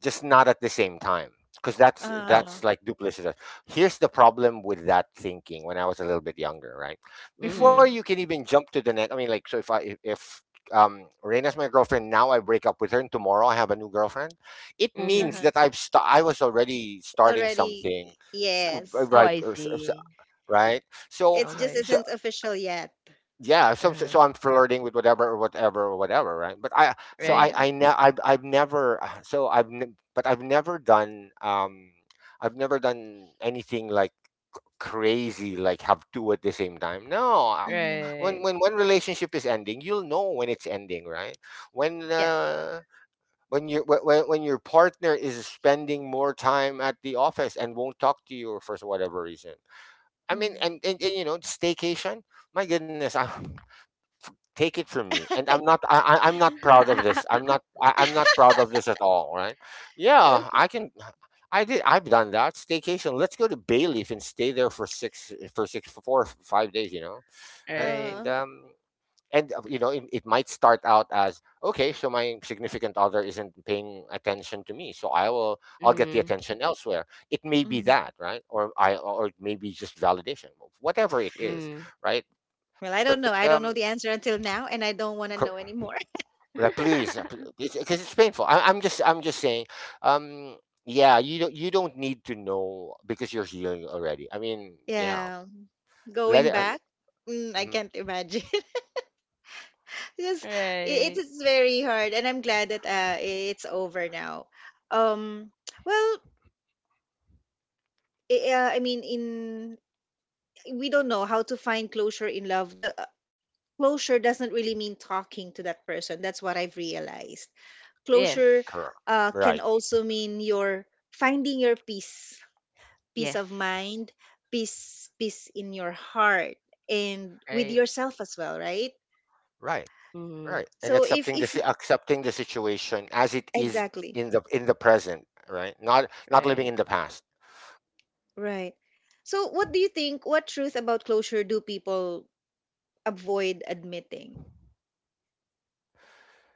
Speaker 2: just not at the same time because
Speaker 3: Oh.
Speaker 1: Oh.
Speaker 2: that's like duplicitous. Here's the problem with that thinking. When I was a little bit younger, right, before
Speaker 3: Mhm.
Speaker 1: Mm.
Speaker 2: you can even jump to the next, I mean, like, so if I if Reina's my girlfriend now, I break up with her and tomorrow I have a new girlfriend, it means
Speaker 3: Mhm.
Speaker 1: Uh-huh.
Speaker 2: that I was already starting
Speaker 1: Already,
Speaker 2: something. s-
Speaker 1: yes.
Speaker 3: Oh,
Speaker 2: right
Speaker 3: I
Speaker 2: or s- s-
Speaker 3: see.
Speaker 2: right so
Speaker 1: It just
Speaker 3: Okay.
Speaker 2: so
Speaker 1: isn't official yet.
Speaker 2: yeah, so
Speaker 3: Uh-huh.
Speaker 2: so I'm flirting with whatever or whatever or whatever, right? But
Speaker 3: Right.
Speaker 1: Mm.
Speaker 2: I've never but I've never done I've never done anything like crazy, like have two at the same time. No I-
Speaker 1: Mhm.
Speaker 3: Right.
Speaker 2: when one relationship is ending, you'll know when it's ending, right? when
Speaker 3: Yes.
Speaker 2: uh when when your partner is spending more time at the office and won't talk to you for whatever reason, I mean,
Speaker 1: Mhm.
Speaker 2: and, you know, staycation. My goodness, I, take it from me. And I'm not proud of this. I'm not proud of this at all, right? Yeah,
Speaker 1: Okay.
Speaker 2: I can. I've done that staycation. Let's go to Bayleaf and stay there for six for six for 4 or 5 days, you know.
Speaker 3: Right.
Speaker 2: and
Speaker 1: Uh,
Speaker 2: um and you know, it might start out as okay, so my significant other isn't paying attention to me, so I'll get the
Speaker 3: Mm.
Speaker 2: attention elsewhere. It may be
Speaker 1: Mhm.
Speaker 2: that, right? Or maybe just validation, whatever it is,
Speaker 3: Mm.
Speaker 2: right?
Speaker 1: Well, I don't
Speaker 2: But
Speaker 1: know. I don't know the answer until now, and I don't want to know anymore.
Speaker 2: yeah, please, it's, because it's painful. I'm just saying. Um, yeah, you don't need to know because you're healing already. I mean, yeah,
Speaker 1: Yeah.
Speaker 2: let
Speaker 1: Going
Speaker 2: it.
Speaker 1: back, I
Speaker 2: Mhm,
Speaker 1: can't imagine. Yes, it
Speaker 3: Right.
Speaker 1: is very hard, and I'm glad that it's over now. Um, well, I mean, in we don't know how to find closure in love. The closure doesn't really mean talking to that person. That's what I've realized.
Speaker 3: Yes.
Speaker 1: Closure,
Speaker 2: correct. Right.
Speaker 1: can also mean your finding your peace, peace
Speaker 3: Yes.
Speaker 1: of mind, peace in your heart, and with
Speaker 3: Right.
Speaker 1: yourself as well, right?
Speaker 2: Right.
Speaker 3: Mm.
Speaker 2: Right. And
Speaker 1: So,
Speaker 2: accepting
Speaker 1: if
Speaker 2: accepting the situation as it is
Speaker 1: exactly.
Speaker 2: in the present. Right. Not living
Speaker 3: Right.
Speaker 2: in the past.
Speaker 1: Right. So what do you think? What truth about closure do people avoid admitting?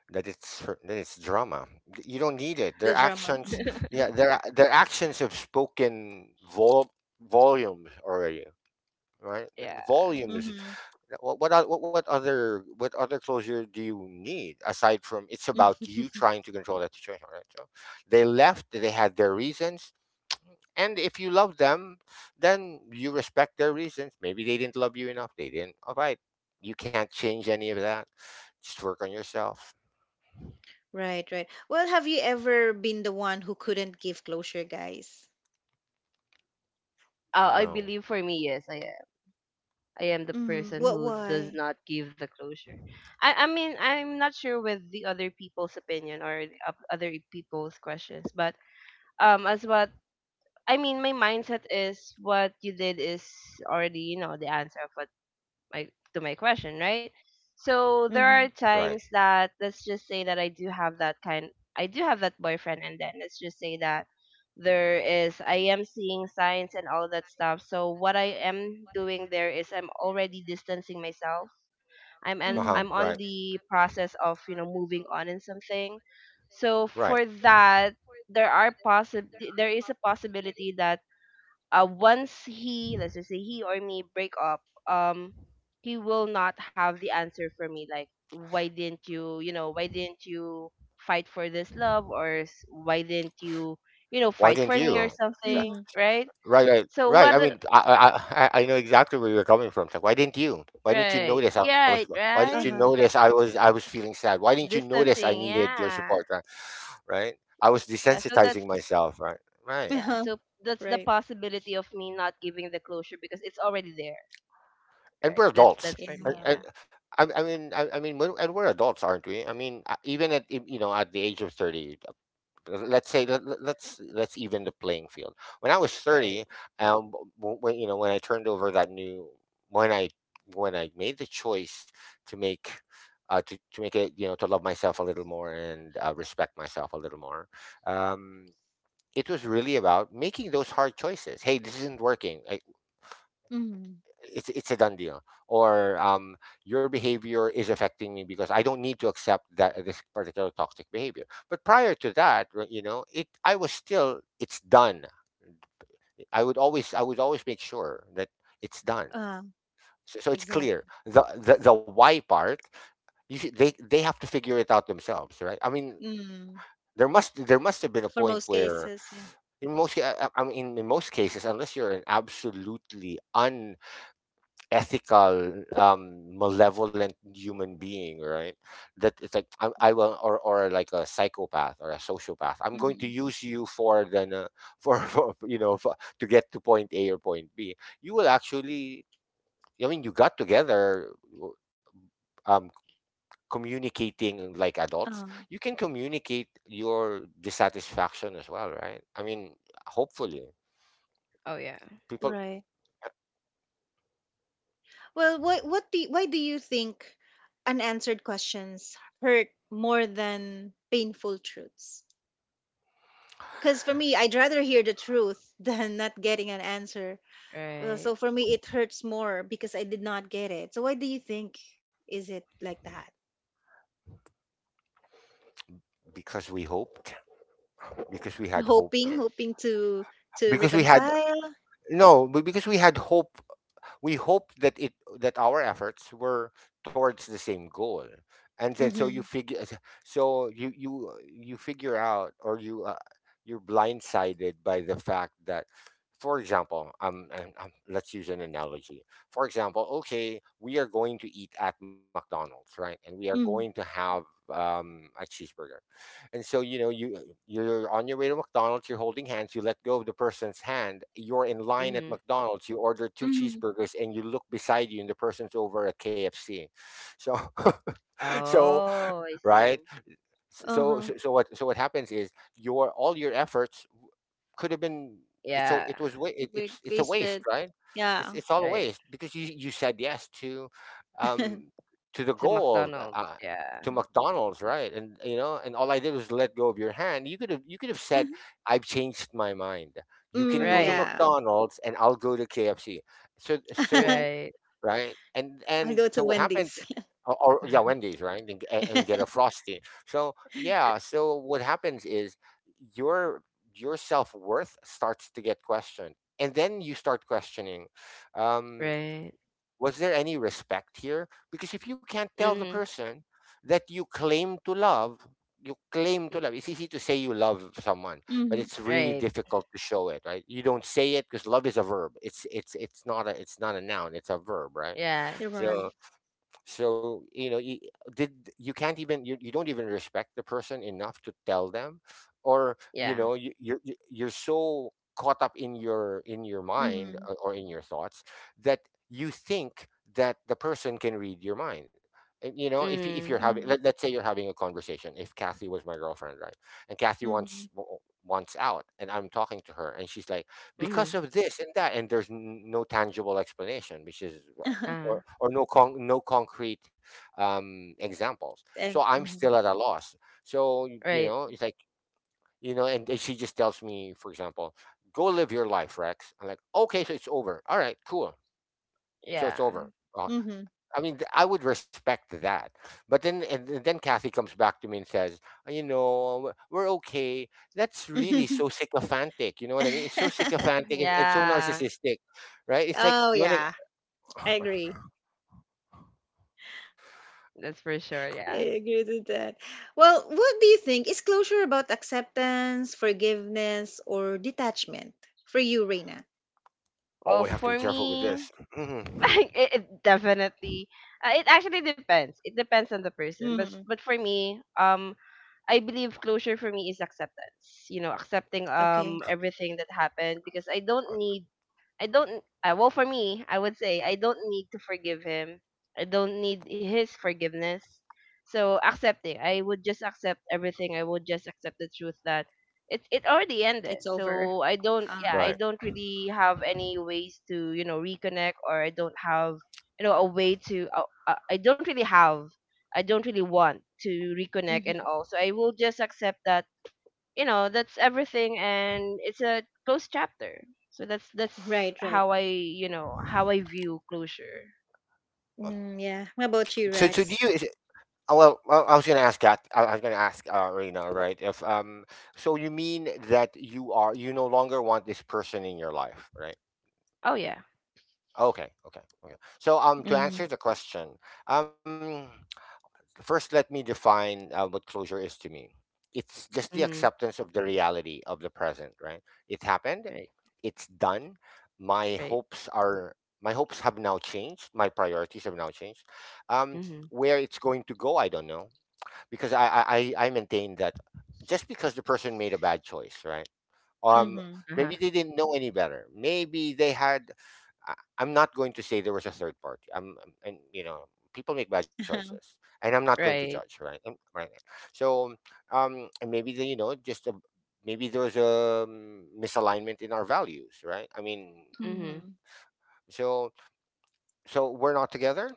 Speaker 2: That it's that it's drama. You don't need it. Their
Speaker 1: The drama.
Speaker 2: actions.
Speaker 1: Hmm.
Speaker 2: Yeah. Their actions have spoken volumes already. Right.
Speaker 3: Yeah.
Speaker 2: Volumes.
Speaker 1: Hmm.
Speaker 2: What oth- what other What other closure do you need, aside from it's about you trying to control that situation, right? So they left, they had their reasons, and if you love them, then you respect their reasons. Maybe they didn't love you enough, they didn't. All right, you can't change any of that. Just work on yourself.
Speaker 1: Right, right. Well, have you ever been the one who couldn't give closure, guys?
Speaker 3: I
Speaker 2: No,
Speaker 3: believe for me, yes, I am. I am the
Speaker 1: Mhm.
Speaker 3: person
Speaker 1: What
Speaker 3: who does
Speaker 1: why?
Speaker 3: not give the closure. I mean, I'm not sure with the other people's opinion or the other people's questions, but as what I mean, my mindset is what you did is already, the answer of what my to my question, right? So there are
Speaker 1: Mhm.
Speaker 2: right,
Speaker 3: times that let's just say that I do have that boyfriend, and then let's just say that there is I am seeing signs and all that stuff. So what I am doing there is I'm already distancing myself. I'm
Speaker 2: uh
Speaker 3: and
Speaker 2: huh,
Speaker 3: I'm
Speaker 1: Mm.
Speaker 2: right,
Speaker 3: on the process of, moving on in something. So
Speaker 2: right.
Speaker 3: for that there are there is a possibility that once he, let's just say he or me break up, um he will not have the answer for me, like why didn't you, you know why didn't you fight for this love, or why didn't you, you know
Speaker 2: Why
Speaker 3: fight
Speaker 2: didn't
Speaker 3: for me or
Speaker 2: you?
Speaker 3: something,
Speaker 1: Mhm.
Speaker 3: right?
Speaker 2: Right, right,
Speaker 3: so what
Speaker 2: right. I
Speaker 3: the-
Speaker 2: mean, I know exactly where you're coming from. It's like, why didn't you? Why didn't you
Speaker 3: right,
Speaker 2: notice I
Speaker 3: yeah, right,
Speaker 2: was? Why
Speaker 3: right?
Speaker 2: didn't you
Speaker 1: Uh-huh.
Speaker 2: notice I was? I was feeling sad. Why didn't you notice I
Speaker 3: Distancing,
Speaker 2: needed your
Speaker 3: yeah.
Speaker 2: support? Right, right. I was
Speaker 3: Yeah, so that's,
Speaker 2: desensitizing myself. Right, right.
Speaker 3: yeah,
Speaker 1: Uh-huh.
Speaker 3: so that's the
Speaker 1: Right.
Speaker 3: possibility of me not giving the closure, because it's already there,
Speaker 2: And
Speaker 3: right?
Speaker 2: we're
Speaker 3: that's
Speaker 2: adults.
Speaker 3: that's for
Speaker 2: I,
Speaker 3: me,
Speaker 1: Yeah.
Speaker 3: yeah.
Speaker 2: I, I mean, and we're adults, aren't we? I mean, even you know, at the age of 30. Let's say let's even the playing field. When I was
Speaker 3: Right.
Speaker 2: 30, um, when, you know, when I turned over that new, when I, when I made the choice to make, to make it, you know, to love myself a little more and respect myself a little more. Um, it was really about making those hard choices. Hey, this isn't working.
Speaker 1: Mhm.
Speaker 2: It's a done deal. Or your behavior is affecting me because I don't need to accept that this particular toxic behavior. But prior to that, you know, it I was still, it's done. I would always make sure that it's done.
Speaker 1: Uh,
Speaker 2: So it's
Speaker 1: exactly.
Speaker 2: clear, the why part, you should, they have to figure it out themselves, right? I mean,
Speaker 1: Mm.
Speaker 2: there must have been a
Speaker 1: For
Speaker 2: point
Speaker 1: most
Speaker 2: where,
Speaker 1: cases, yeah.
Speaker 2: in most ca- I mean, in most cases, unless you're an absolutely ethical malevolent human being, right, that it's like, I will, or like a psychopath or a sociopath, I'm going to
Speaker 1: Mhm.
Speaker 2: use you for, then for, you know, for, to get to point A or point B. You will actually, I mean, you got together w- um communicating like adults,
Speaker 1: Um,
Speaker 2: you can communicate your dissatisfaction as well, right? I mean, hopefully,
Speaker 3: Oh yeah.
Speaker 2: people.
Speaker 1: right. Well, what do why do you think unanswered questions hurt more than painful truths? Because for me, I'd rather hear the truth than not getting an answer.
Speaker 3: Right.
Speaker 1: So for me, it hurts more because I did not get it. So why do you think is it like that?
Speaker 2: Because we hoped, because we had hope,
Speaker 1: Hoping
Speaker 3: Yes.
Speaker 1: hoping to
Speaker 2: because we had
Speaker 1: reconcile.
Speaker 2: no, but because we had hope, we hoped that it that our efforts were towards the same goal, and then, so you
Speaker 1: Mhm.
Speaker 2: figure, so you figure out, or you you're blindsided by the fact that, for example, let's use an analogy. For example, okay, we are going to eat at McDonald's, right? And we are going to
Speaker 1: Mhm.
Speaker 2: have a cheeseburger. And so, you know, you you're on your way to McDonald's, you're holding hands, you let go of the person's hand, you're in line at
Speaker 3: Mhm.
Speaker 2: McDonald's, you order two
Speaker 1: Mhm.
Speaker 2: cheeseburgers, and you look beside you and the person's over at KFC. So so
Speaker 3: Oh, I see.
Speaker 2: right.
Speaker 1: Uh-huh.
Speaker 2: So what, so what happens is your, all your efforts could have been, it's so
Speaker 3: Yeah.
Speaker 2: it was wa- it,
Speaker 1: We
Speaker 2: it's a waste,
Speaker 1: wasted.
Speaker 2: right? It's
Speaker 1: Yeah.
Speaker 2: it's all a
Speaker 3: Right.
Speaker 2: waste because you said yes to um, to the
Speaker 3: To
Speaker 2: goal,
Speaker 3: McDonald's. Yeah.
Speaker 2: to McDonald's, right? And, you know, and all I did was let go of your hand. You could have, you could have said, I've changed my mind. You can
Speaker 1: Mm,
Speaker 2: go to
Speaker 3: Right.
Speaker 1: yeah.
Speaker 2: McDonald's and I'll go to KFC. So so,
Speaker 3: Right.
Speaker 2: right?
Speaker 1: I'll go
Speaker 2: And
Speaker 1: to
Speaker 2: so what happens?
Speaker 1: Wendy's.
Speaker 2: Or yeah, Wendy's, right? And get a frosty. So yeah, so what happens is your your self worth starts to get questioned, and then you start questioning. Um,
Speaker 3: Right.
Speaker 2: was there any respect here? Because if you can't tell the
Speaker 3: Mhm.
Speaker 2: person that you claim to love, you claim to
Speaker 3: Mm,
Speaker 2: love. It's easy to say you love someone, but
Speaker 1: Hmm.
Speaker 2: it's really
Speaker 3: right.
Speaker 2: difficult to show it, right? You don't say it because love is a verb. It's not a noun. It's a verb, right?
Speaker 3: Yes.
Speaker 1: You're right.
Speaker 2: So, so, you know, you, did you can't even, you don't even respect the person enough to tell them, or, you
Speaker 3: Yeah.
Speaker 2: know, you're, you're so caught up in your, in your mind,
Speaker 1: Mm-hmm.
Speaker 2: or in your thoughts, that you think that the person can read your mind. And you know, if you're
Speaker 3: Mhm.
Speaker 2: having,
Speaker 1: Mm-hmm.
Speaker 2: let's say you're having a conversation, if Kathy was my girlfriend, right, and Kathy
Speaker 1: Mm-hmm.
Speaker 2: wants out, and I'm talking to her and she's like, because
Speaker 3: Mhm.
Speaker 2: of this and that, and there's no tangible explanation, which is
Speaker 3: Uh.
Speaker 2: or no no concrete um examples. So
Speaker 1: Egg.
Speaker 2: I'm
Speaker 1: Hmm.
Speaker 2: still at a loss. You
Speaker 3: Right.
Speaker 2: know, it's like, you know, and she just tells me, for example, go live your life, Rex. I'm like, okay, so it's over. All right, cool. So
Speaker 3: Yeah.
Speaker 2: it's over. I mean, I would respect that. But then, then Kathy comes back to me and says, you know, we're okay. That's really
Speaker 1: Hmm.
Speaker 2: so sycophantic. You know what I mean? It's so sycophantic and so
Speaker 3: Yeah.
Speaker 2: narcissistic, right? It's like
Speaker 1: Oh
Speaker 2: you want to.
Speaker 1: yeah, I agree.
Speaker 3: That's for sure.
Speaker 1: I
Speaker 3: Yeah.
Speaker 1: agree with that. Well, what do you think? Is closure about acceptance, forgiveness, or detachment for you, Reina?
Speaker 2: Oh,
Speaker 3: Well,
Speaker 2: we have to
Speaker 3: for
Speaker 2: be careful with
Speaker 3: me,
Speaker 2: this. Mhm.
Speaker 3: it definitely. It actually depends. It depends on the person. But
Speaker 1: Mhm.
Speaker 3: but for me, I believe closure for me is acceptance. You know, accepting
Speaker 1: Okay.
Speaker 3: everything that happened because I don't need I don't well for me, I would say I don't need to forgive him. I don't need his forgiveness. So accepting, I would just accept everything. I would just accept the truth that it already
Speaker 1: It's
Speaker 3: ended.
Speaker 1: over.
Speaker 3: So I don't. Yeah,
Speaker 1: Um.
Speaker 3: I don't
Speaker 2: Right.
Speaker 3: really have any ways to, reconnect, or I don't have a way to I don't really have. I don't really want to reconnect
Speaker 1: Mhm.
Speaker 3: and all. So I will just accept that, that's everything and it's a closed chapter. So that's
Speaker 1: Right, right.
Speaker 3: how I how I view closure.
Speaker 1: Mm, yeah. What about you,
Speaker 2: So, so do
Speaker 1: Rex?
Speaker 2: you? Is it, well, I was going to ask that. I was going to ask Rena, right? If so you mean that you no longer want this person in your life, right?
Speaker 3: Oh yeah.
Speaker 2: Okay, okay, okay. So to
Speaker 1: Mhm.
Speaker 2: answer the question, um, first, let me define what closure is to me. It's just the
Speaker 3: Mm-hmm.
Speaker 2: acceptance of the reality of the present, right? It happened,
Speaker 3: Right,
Speaker 2: it's done. My
Speaker 3: right.
Speaker 2: hopes are my hopes have now changed. My priorities have now changed.
Speaker 3: Mm-hmm.
Speaker 2: Where it's going to go, I don't know because I maintain that just because the person made a bad choice, right? um
Speaker 1: Mhm.
Speaker 3: Uh-huh.
Speaker 2: Maybe they didn't know any better, maybe they had I'm not going to say there was a third party. And you know, people make bad choices and I'm not going to judge,
Speaker 3: Right.
Speaker 2: right? Right. So and maybe they, maybe there was a misalignment in our values, right? I mean,
Speaker 3: Mm-hmm.
Speaker 1: Mhm.
Speaker 2: so so we're not together.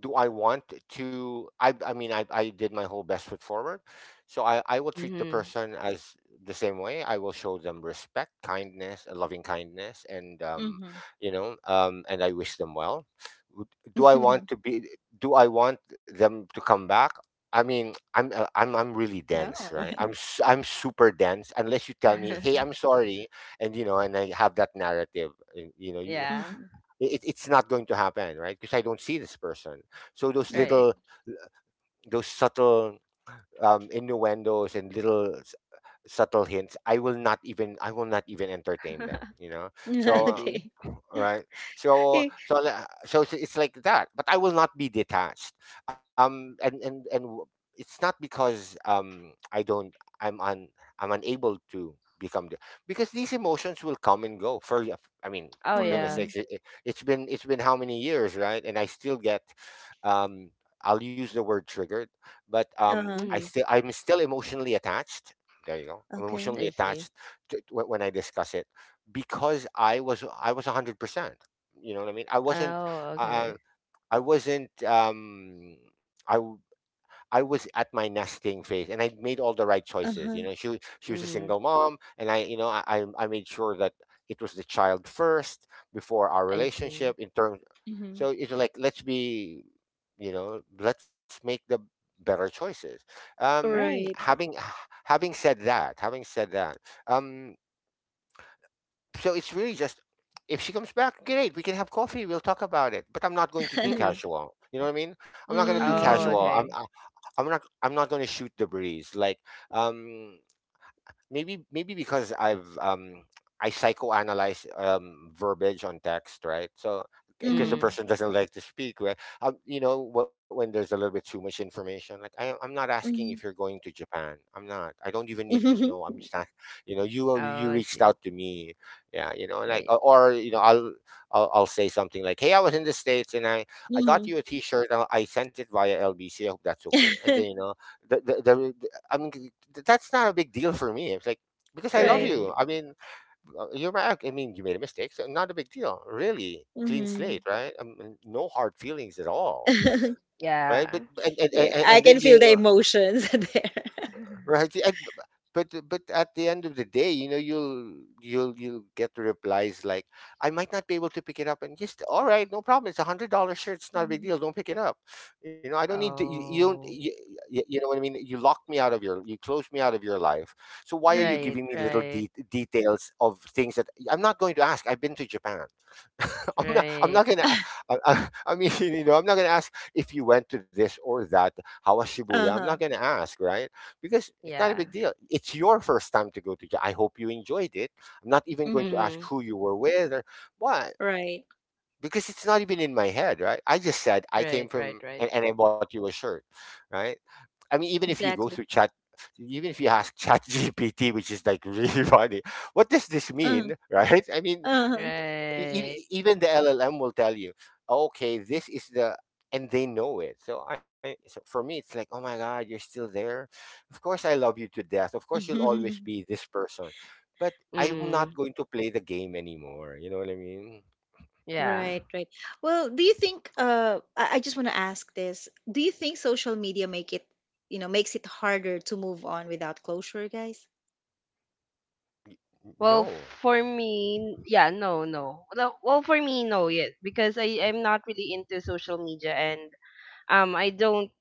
Speaker 2: Do I want to I mean I did my whole best foot forward. So I will treat the
Speaker 3: Mm-hmm.
Speaker 2: person as the same way. I will show them respect, kindness, loving kindness, and and I wish them well. W- do I want
Speaker 1: Mhm.
Speaker 2: to be? Do I want them to come back? I mean, I'm really
Speaker 1: No.
Speaker 2: dense, right? I'm super dense unless you tell me, hey, I'm sorry. And you know, and I have that narrative. uh, you know you,
Speaker 3: Yeah.
Speaker 1: Mhm.
Speaker 2: it, it's not going to happen, right? Because I don't see this person. So those
Speaker 3: Right.
Speaker 2: little,
Speaker 1: Mhm.
Speaker 2: those subtle innuendos and subtle hints, I will not even, I will not even entertain them, you know.
Speaker 3: I
Speaker 2: So
Speaker 3: see.
Speaker 1: Okay.
Speaker 2: right, so so it's like that, but I will not be detached. um and and and w- it's not because I don't i'm un I'm unable to become the, because these emotions will come and go I mean,
Speaker 3: Oh
Speaker 2: for goodness
Speaker 3: yeah.
Speaker 1: Mm.
Speaker 2: sakes, it's been, it's been how many years, right? And I still get um I'll use the word triggered, but
Speaker 1: Uh-huh.
Speaker 2: I
Speaker 3: Mm-hmm.
Speaker 2: still, I'm still emotionally attached. There you go, I'm
Speaker 1: Okay.
Speaker 2: emotionally
Speaker 3: I see.
Speaker 2: attached when I discuss it, because I was 100%. You know what I mean? I wasn't.
Speaker 3: Oh
Speaker 2: Uh,
Speaker 3: okay.
Speaker 2: I wasn't. I w- I was at my nesting phase, and I made all the right choices.
Speaker 1: Uh-huh.
Speaker 2: You know, she was a
Speaker 3: Mm-hmm.
Speaker 2: single mom, and I you know I made sure that it was the child first before our
Speaker 3: I see.
Speaker 2: relationship in terms. So
Speaker 1: Mhm.
Speaker 2: it's like, let's be, you know, let's make the better choices.
Speaker 3: Right.
Speaker 1: Right.
Speaker 2: Having, having said that, um, so it's really just, if she comes back, great. We can have coffee. We'll talk about it. But I'm not going to do
Speaker 3: Mm-hmm.
Speaker 2: casual. You know what I mean? I'm not going to do
Speaker 3: Oh
Speaker 2: casual.
Speaker 1: Mm.
Speaker 3: okay.
Speaker 2: I'm not, I'm not going to shoot the breeze. Like um, maybe, maybe because I psychoanalyze verbiage on text, right? So because the
Speaker 1: Mhm.
Speaker 3: Mm-hmm.
Speaker 2: person doesn't like to speak, right? You know, when there's a little bit too much information, like I'm not asking if you're
Speaker 1: Mhm.
Speaker 2: going to Japan. I'm not. I don't even need to know.
Speaker 1: Mhm.
Speaker 2: I'm just not. You know, you
Speaker 3: Oh, I
Speaker 2: reached
Speaker 3: see.
Speaker 2: out to me, yeah. You know, like
Speaker 3: Right,
Speaker 2: or you know, I'll say something like, "Hey, I was in the states and I got
Speaker 1: Mhm.
Speaker 2: you a T-shirt. I sent it via LBC. I hope that's okay." And then you know, the I mean, that's not a big deal for me. It's like because I love
Speaker 1: Right.
Speaker 2: you.
Speaker 3: right.
Speaker 2: I mean, you're my ex. I mean, you made a mistake, so not a big deal, really. Clean
Speaker 1: Mhm.
Speaker 2: slate, right? I mean, no hard feelings at all, right?
Speaker 3: Yeah.
Speaker 2: But and and,
Speaker 1: Yeah,
Speaker 2: and, and
Speaker 1: I
Speaker 2: then
Speaker 1: can
Speaker 2: you
Speaker 1: feel the emotions.
Speaker 2: right but at the end of the day, you know, you'll you'll get the replies like, I might not be able to pick it up. And just, all right, no problem, it's $100 shirt, it's not a big
Speaker 1: There.
Speaker 2: deal, don't pick it up. You know, I don't need to, you don't
Speaker 3: Oh,
Speaker 2: you, you, you know what I mean? You locked me out of your, you closed me out of your life. So why are you
Speaker 3: right,
Speaker 1: Mhm.
Speaker 2: giving me little
Speaker 3: right,
Speaker 2: details of things that I'm not going to ask? I've been to Japan. I'm
Speaker 3: right.
Speaker 2: not gonna I mean, you know, I'm not gonna ask if you went to this or that. How was Shibuya? I'm not
Speaker 1: Uh-huh.
Speaker 2: gonna ask, right? Because it's not a
Speaker 3: Yeah.
Speaker 2: big deal. It's your first time to go to Japan. I hope you enjoyed it. I'm not even going
Speaker 1: Mhm.
Speaker 2: to ask
Speaker 3: Mm-hmm.
Speaker 2: who you were with or what,
Speaker 1: Right.
Speaker 2: because it's not even in my head, right? I just said I came
Speaker 3: Right, right,
Speaker 2: from
Speaker 3: right,
Speaker 2: and I bought you a shirt, right? I mean, even if you go through
Speaker 1: Exactly.
Speaker 2: chat, even if you ask Chat GPT, which is like really funny, what does this
Speaker 1: Uh-huh.
Speaker 2: mean, right? I mean,
Speaker 1: Uh-huh.
Speaker 3: right.
Speaker 2: Even the LLM will tell you, okay, this is the, and they know it. So so for me, it's like, oh my God, you're still there. Of course, I love you to death. Of course, you'll always be this person, but I'm not
Speaker 3: Mm,
Speaker 2: going to play the game anymore. You know what I mean?
Speaker 3: yeah.
Speaker 1: Right, right. Well, do you think, I just want to ask this. Do you think social media make it, makes it harder to move on without closure, guys?
Speaker 3: Well,
Speaker 2: No.
Speaker 3: for me, yeah, no, no. No. Well, for me, no, yes, because I'm not really into social media, and I don't.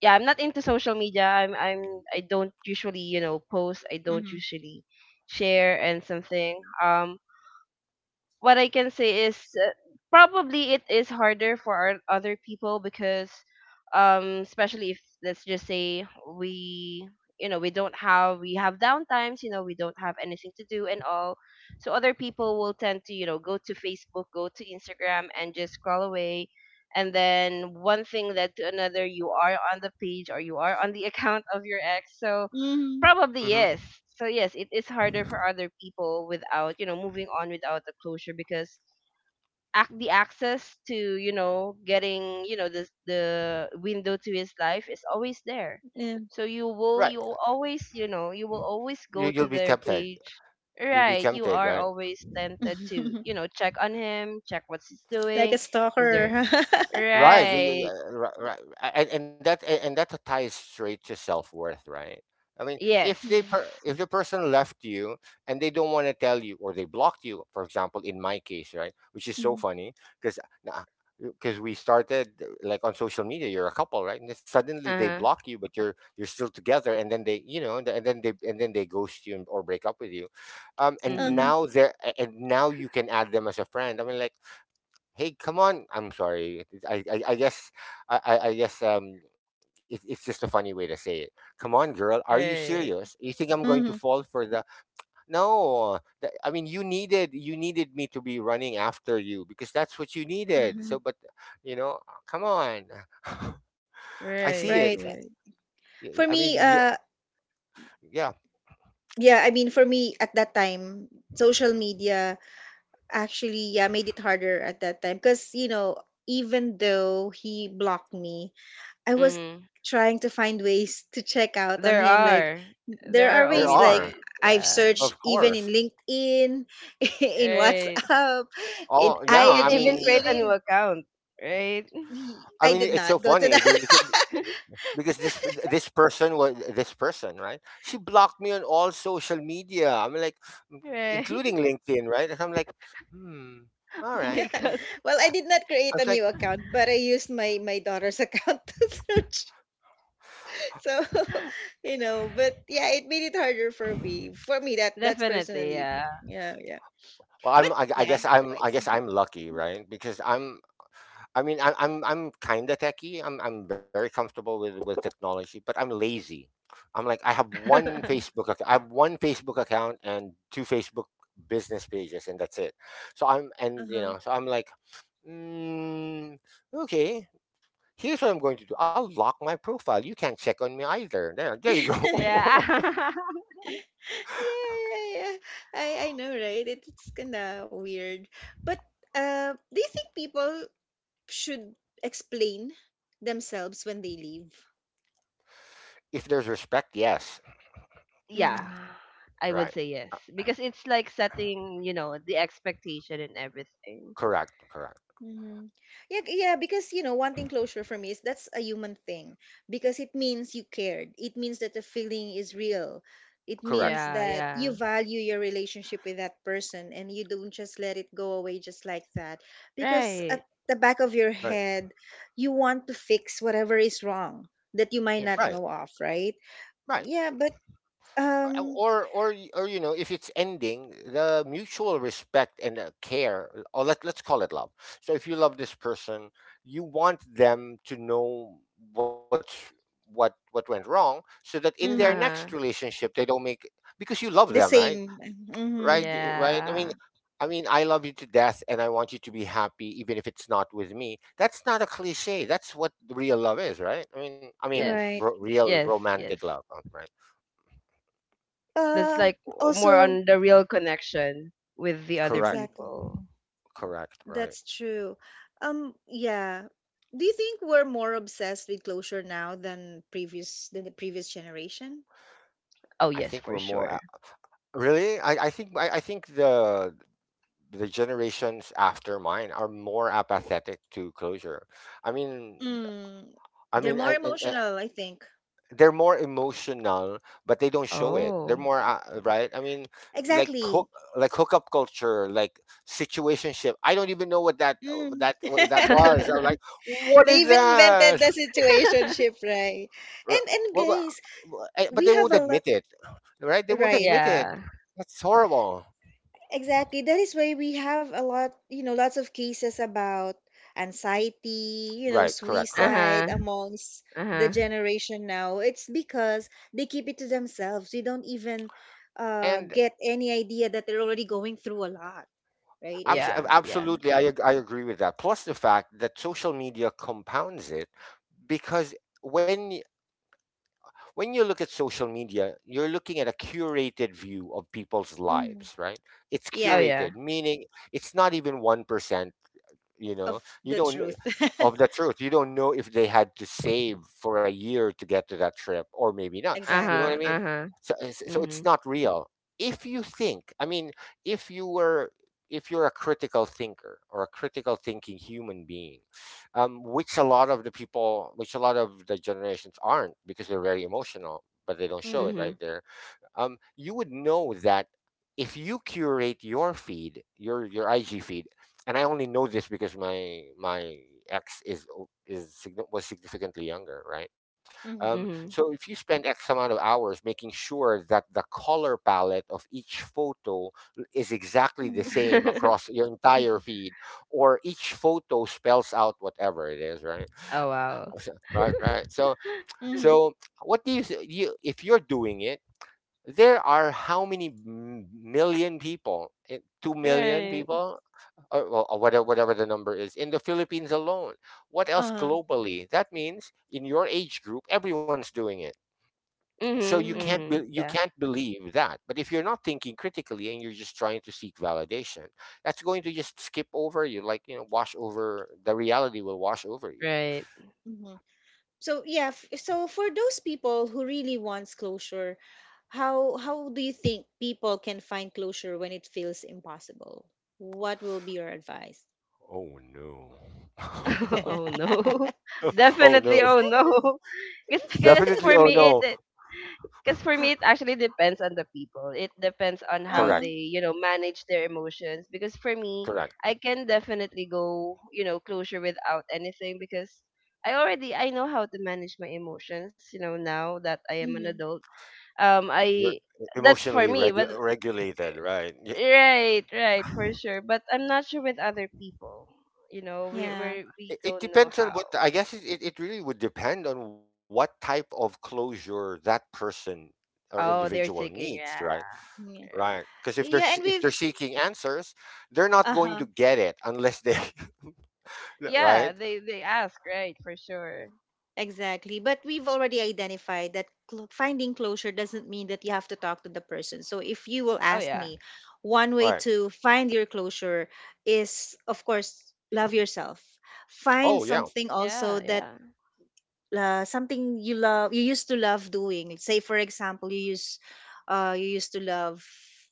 Speaker 3: Yeah, I'm not into social media. I don't usually, post. I don't
Speaker 1: Mhm.
Speaker 3: usually share and something. Um, what I can say is, uh, probably it is harder for our other people, because especially if, let's just say, we, we don't have. We have downtimes, we don't have anything to do and all. So other people will tend to, go to Facebook, go to Instagram, and just scroll away, and then one thing led to another. You are on the page, or you are on the account of your ex. So
Speaker 1: Mhm.
Speaker 3: probably yes.
Speaker 2: Hmm.
Speaker 3: So yes, it is harder for other people without, moving on without the closure, because the access to, getting, the window to his life is always there.
Speaker 1: Yeah.
Speaker 3: So you will.
Speaker 2: Right.
Speaker 3: You will always you will always
Speaker 2: You,
Speaker 3: go
Speaker 2: you'll
Speaker 3: to
Speaker 2: be
Speaker 3: their
Speaker 2: tempted.
Speaker 3: page.
Speaker 2: You'll be
Speaker 3: Right, you
Speaker 2: tempted,
Speaker 3: are
Speaker 2: right?
Speaker 3: always tempted to, check on him, check what he's
Speaker 1: Like
Speaker 3: doing.
Speaker 1: a
Speaker 3: Is there.
Speaker 1: stalker.
Speaker 2: Right. Yeah, yeah,
Speaker 3: Right.
Speaker 2: yeah. Right, right. And that ties straight to self-worth, right? I mean,
Speaker 3: Yes.
Speaker 2: if
Speaker 1: Mm,
Speaker 2: if the person left you and they don't want to tell you, or they blocked you, for example, in my case, right, which is so
Speaker 1: mhm.
Speaker 2: funny because because we started like on social media, you're a couple, right? And then suddenly they
Speaker 3: Uh-huh.
Speaker 2: block you, but you're still together, and then they, you know, and then they ghost you and- or break up with you, and
Speaker 3: Mhm.
Speaker 1: Uh-huh.
Speaker 2: now they're and now you can add them as a friend. I mean, like, "Hey, come on!" I'm sorry. I guess I guess it, it's just a funny way to say it. Come on, girl. Are you serious?
Speaker 3: Right.
Speaker 2: You think I'm going to
Speaker 1: Mhm.
Speaker 2: fall for the? No. I mean, you needed, you needed me to be running after you because that's what you needed. So,
Speaker 1: Mhm.
Speaker 2: but you know, come on. I see
Speaker 3: Right,
Speaker 2: it.
Speaker 1: Right.
Speaker 3: right.
Speaker 1: For
Speaker 2: I mean,
Speaker 1: me,
Speaker 2: you, yeah,
Speaker 1: yeah, I mean for me at that time, social media actually, yeah, made it harder at that time, because even though he blocked me, I was
Speaker 3: Mhm.
Speaker 1: trying to find ways to check out on
Speaker 3: There
Speaker 1: him, like
Speaker 3: are.
Speaker 1: there
Speaker 3: There
Speaker 1: are
Speaker 3: are
Speaker 2: there
Speaker 1: ways,
Speaker 3: always
Speaker 1: like
Speaker 2: are,
Speaker 3: ways.
Speaker 1: I've
Speaker 3: Yeah.
Speaker 1: searched
Speaker 2: of
Speaker 1: even in
Speaker 2: course.
Speaker 1: LinkedIn, in
Speaker 3: Right.
Speaker 1: WhatsApp, in
Speaker 2: Oh yeah,
Speaker 3: You can
Speaker 1: IG,
Speaker 3: even create a new
Speaker 1: even,
Speaker 3: account, right?
Speaker 2: I
Speaker 1: I
Speaker 2: mean,
Speaker 1: did
Speaker 2: it's so
Speaker 1: not go to
Speaker 2: funny
Speaker 1: that.
Speaker 2: because because this, this person was this person, right? She blocked me on all social media. I'm like, m-
Speaker 3: Right.
Speaker 2: including LinkedIn, right? And I'm like, hmm, all
Speaker 3: Oh
Speaker 2: right.
Speaker 3: my
Speaker 1: Yeah.
Speaker 3: god.
Speaker 1: Well,
Speaker 2: I
Speaker 1: I did not
Speaker 2: I
Speaker 1: create a
Speaker 2: was
Speaker 1: new
Speaker 2: like,
Speaker 1: account, but I used my daughter's account to search. So, but yeah, it made it harder for me. For me, that's
Speaker 3: Definitely,
Speaker 1: personally,
Speaker 3: yeah.
Speaker 1: yeah, yeah.
Speaker 2: well,
Speaker 1: But
Speaker 2: I
Speaker 1: yeah,
Speaker 2: guess
Speaker 1: no,
Speaker 2: I
Speaker 1: it's
Speaker 2: guess
Speaker 1: good.
Speaker 2: I'm lucky, right? Because I mean, I'm kind of techie, I'm very comfortable with technology, but I'm lazy. I'm like, I have one I have one Facebook account and two Facebook business pages, and that's it. So I'm,
Speaker 1: Uh
Speaker 2: and you
Speaker 1: huh.
Speaker 2: know, so I'm like, mm, okay. Here's what I'm going to do. I'll lock my profile. You can't check on me either. There you
Speaker 1: Yeah,
Speaker 2: go.
Speaker 3: Yeah.
Speaker 1: yeah, yeah. I know, right? It's kinda weird. But, do you think people should explain themselves when they leave?
Speaker 2: If there's respect, yes.
Speaker 3: Yeah.
Speaker 1: Mm-hmm.
Speaker 3: I
Speaker 2: Right.
Speaker 3: would say yes. Because it's like setting, you know, the expectation and everything.
Speaker 2: Correct. Correct.
Speaker 1: Mm-hmm. Yeah, yeah, because wanting closure for me is that's a human thing, because it means you cared. It means that the feeling is real. It
Speaker 2: Correct.
Speaker 1: means
Speaker 3: Yeah,
Speaker 1: that
Speaker 3: yeah.
Speaker 1: you value your relationship with that person and you don't just let it go away just like that. Because
Speaker 3: Right.
Speaker 1: at the back of your
Speaker 2: Right.
Speaker 1: head, you want to fix whatever is wrong that you might
Speaker 3: Yes.
Speaker 1: not
Speaker 2: Right.
Speaker 1: know of, right?
Speaker 2: Right.
Speaker 1: Yeah, but
Speaker 2: Well,
Speaker 1: um,
Speaker 2: or or you know, if it's ending, the mutual respect and care, or let, let's call it love. So, if you love this person, you want them to know what's what went wrong, so that in their
Speaker 1: mm,
Speaker 2: next
Speaker 3: Uh-huh.
Speaker 2: relationship they don't make, because you love them,
Speaker 1: the
Speaker 2: right?
Speaker 1: same.
Speaker 2: Right,
Speaker 1: Mm-hmm.
Speaker 2: right, I mean,
Speaker 3: Yeah.
Speaker 2: I mean, I love you to death and I want you to be happy even if it's not with me. That's not a cliche. That's what real love is, right? I mean, I
Speaker 3: Yes.
Speaker 2: mean,
Speaker 1: Right.
Speaker 2: real
Speaker 3: Yes, yes.
Speaker 2: romantic love, right.
Speaker 3: That's
Speaker 1: Uh,
Speaker 3: like more
Speaker 1: also,
Speaker 3: on the real connection with the other
Speaker 2: Correct,
Speaker 1: exactly.
Speaker 3: people.
Speaker 2: correct,
Speaker 1: That's
Speaker 2: right.
Speaker 1: true. Yeah. Do you think we're more obsessed with closure now than previous than the previous generation?
Speaker 3: Oh
Speaker 2: I
Speaker 3: yes,
Speaker 2: think we're
Speaker 3: for
Speaker 2: more a-
Speaker 3: sure.
Speaker 2: Really, I think, I think the generations after mine are more apathetic to closure. I mean,
Speaker 1: Mm,
Speaker 2: I
Speaker 1: they're
Speaker 2: mean
Speaker 1: more emotional, I think.
Speaker 2: they're more emotional, but they don't show it. They're
Speaker 3: Oh.
Speaker 2: more right. I mean, like
Speaker 1: Exactly.
Speaker 2: hook, like hookup culture, like situationship. I don't even know what that,
Speaker 1: Mm.
Speaker 2: that what that was.
Speaker 1: They
Speaker 2: I'm like, what is
Speaker 1: even invented
Speaker 2: that?
Speaker 1: the situationship, right?
Speaker 2: R-
Speaker 1: And
Speaker 2: Well, well,
Speaker 1: guys,
Speaker 2: well, but
Speaker 1: we
Speaker 2: they
Speaker 1: have
Speaker 2: won't
Speaker 1: a
Speaker 2: admit
Speaker 1: lot,
Speaker 2: it, right? They won't
Speaker 1: right?
Speaker 2: admit it.
Speaker 3: Yeah.
Speaker 2: That's horrible.
Speaker 1: Exactly. That is why we have a lot, you know, lots of cases about anxiety, you know,
Speaker 2: Right. Correct. Correct.
Speaker 1: suicide
Speaker 3: Uh-huh.
Speaker 1: amongst the
Speaker 3: Uh-huh.
Speaker 1: generation now. It's because they keep it to themselves. They don't even
Speaker 2: And
Speaker 1: get any idea that they're already going through a lot, right? That,
Speaker 3: Yeah, yeah.
Speaker 2: absolutely, I agree with that. Plus the fact that social media compounds it because, when when you look at social media, you're looking at a curated view of people's
Speaker 1: mhm.
Speaker 2: lives, right? It's
Speaker 3: Oh
Speaker 1: Yeah,
Speaker 3: yeah.
Speaker 2: curated, meaning it's not even 1%,
Speaker 1: of
Speaker 2: you
Speaker 1: the
Speaker 2: don't
Speaker 1: truth.
Speaker 2: of the truth. You don't know if they had to save for a year to get to that trip or maybe not, you know what
Speaker 3: Uh-huh.
Speaker 2: I mean?
Speaker 1: Exactly.
Speaker 3: Uh-huh.
Speaker 2: So, so it's
Speaker 3: Mhm.
Speaker 2: not real. If you think I mean if you were if you're a critical thinker or a critical thinking human being, which a lot of the people, which a lot of the generations aren't, because they're very emotional but they don't show it
Speaker 1: Mm-hmm.
Speaker 2: right
Speaker 3: Mhm.
Speaker 2: there. You would know that if you curate your feed, your IG feed. And I only know this because my ex is o- is signi- was significantly younger, right?
Speaker 1: Mm-hmm.
Speaker 2: Um,
Speaker 3: Mhm.
Speaker 2: so if you spend X amount of hours making sure that the color palette of each photo is exactly the
Speaker 1: Mm-hmm.
Speaker 2: same across your entire
Speaker 1: Mm-hmm.
Speaker 2: feed, or each photo spells out whatever it is, right?
Speaker 3: Oh wow.
Speaker 2: Right, right. So,
Speaker 1: Mm-hmm.
Speaker 2: so what do you, if you're doing it? There are how many m- million people? Eh, 2 million
Speaker 3: Right.
Speaker 2: people, or well, whatever, the number is in the Philippines alone. What else
Speaker 1: Uh-huh.
Speaker 2: globally? That means in your age group, everyone's doing it. So you
Speaker 3: Mhm.
Speaker 2: can't
Speaker 1: Mm-hmm.
Speaker 2: be,
Speaker 3: Mhm.
Speaker 2: you
Speaker 3: Yeah.
Speaker 2: can't believe that. But if you're not thinking critically and you're just trying to seek validation, that's going to just skip over you, like, wash over. The reality will wash over you.
Speaker 3: Right.
Speaker 1: Mm-hmm. So yeah, so for those people who really wants closure, how do you think people can find closure when it feels impossible? What will be your advice?
Speaker 2: Oh no.
Speaker 3: Oh no.
Speaker 1: It's
Speaker 2: Oh
Speaker 3: Definitely
Speaker 2: no.
Speaker 3: oh no. Guess for
Speaker 2: Definitely. Oh
Speaker 3: me it,
Speaker 2: no.
Speaker 3: it, because for me it actually depends on the people. It depends on
Speaker 1: hard.
Speaker 3: how
Speaker 1: Uh-huh.
Speaker 2: Correct.
Speaker 3: they, you know, manage their emotions, because for me
Speaker 2: Correct.
Speaker 3: I can definitely go, you know, closure without anything, because I know how to manage my emotions, you know, now that I am an
Speaker 1: Hmm.
Speaker 3: adult. I
Speaker 2: You're
Speaker 3: That's for
Speaker 2: emotionally
Speaker 3: me, but
Speaker 2: regu- regulated, right? Yeah.
Speaker 3: right, right, for sure, but I'm not sure with other people. You know, we
Speaker 1: Yeah,
Speaker 3: we we
Speaker 2: It
Speaker 3: don't know
Speaker 2: depends on
Speaker 3: how.
Speaker 2: what, I guess it it really would depend on what type of closure that person or
Speaker 3: Oh,
Speaker 2: individual
Speaker 3: they're seeking,
Speaker 2: needs, right?
Speaker 3: yeah.
Speaker 1: yeah,
Speaker 2: Right.
Speaker 3: Right,
Speaker 2: Because
Speaker 1: yeah, and
Speaker 2: if
Speaker 1: we've
Speaker 2: they're seeking answers, they're not going
Speaker 1: uh-huh.
Speaker 2: to get it unless they…
Speaker 3: yeah,
Speaker 2: Right?
Speaker 3: they ask, right, for sure.
Speaker 1: Exactly. But we've already identified that finding closure doesn't mean that you have to talk to the person. So if you will
Speaker 3: Oh
Speaker 1: ask
Speaker 3: yeah.
Speaker 1: me, one way
Speaker 2: Right.
Speaker 1: to find your closure is, of course, love yourself.
Speaker 2: Oh
Speaker 1: Find
Speaker 2: yeah.
Speaker 1: something also
Speaker 3: Yeah,
Speaker 1: that
Speaker 3: yeah.
Speaker 1: something you love, you used to love doing say for example you used to love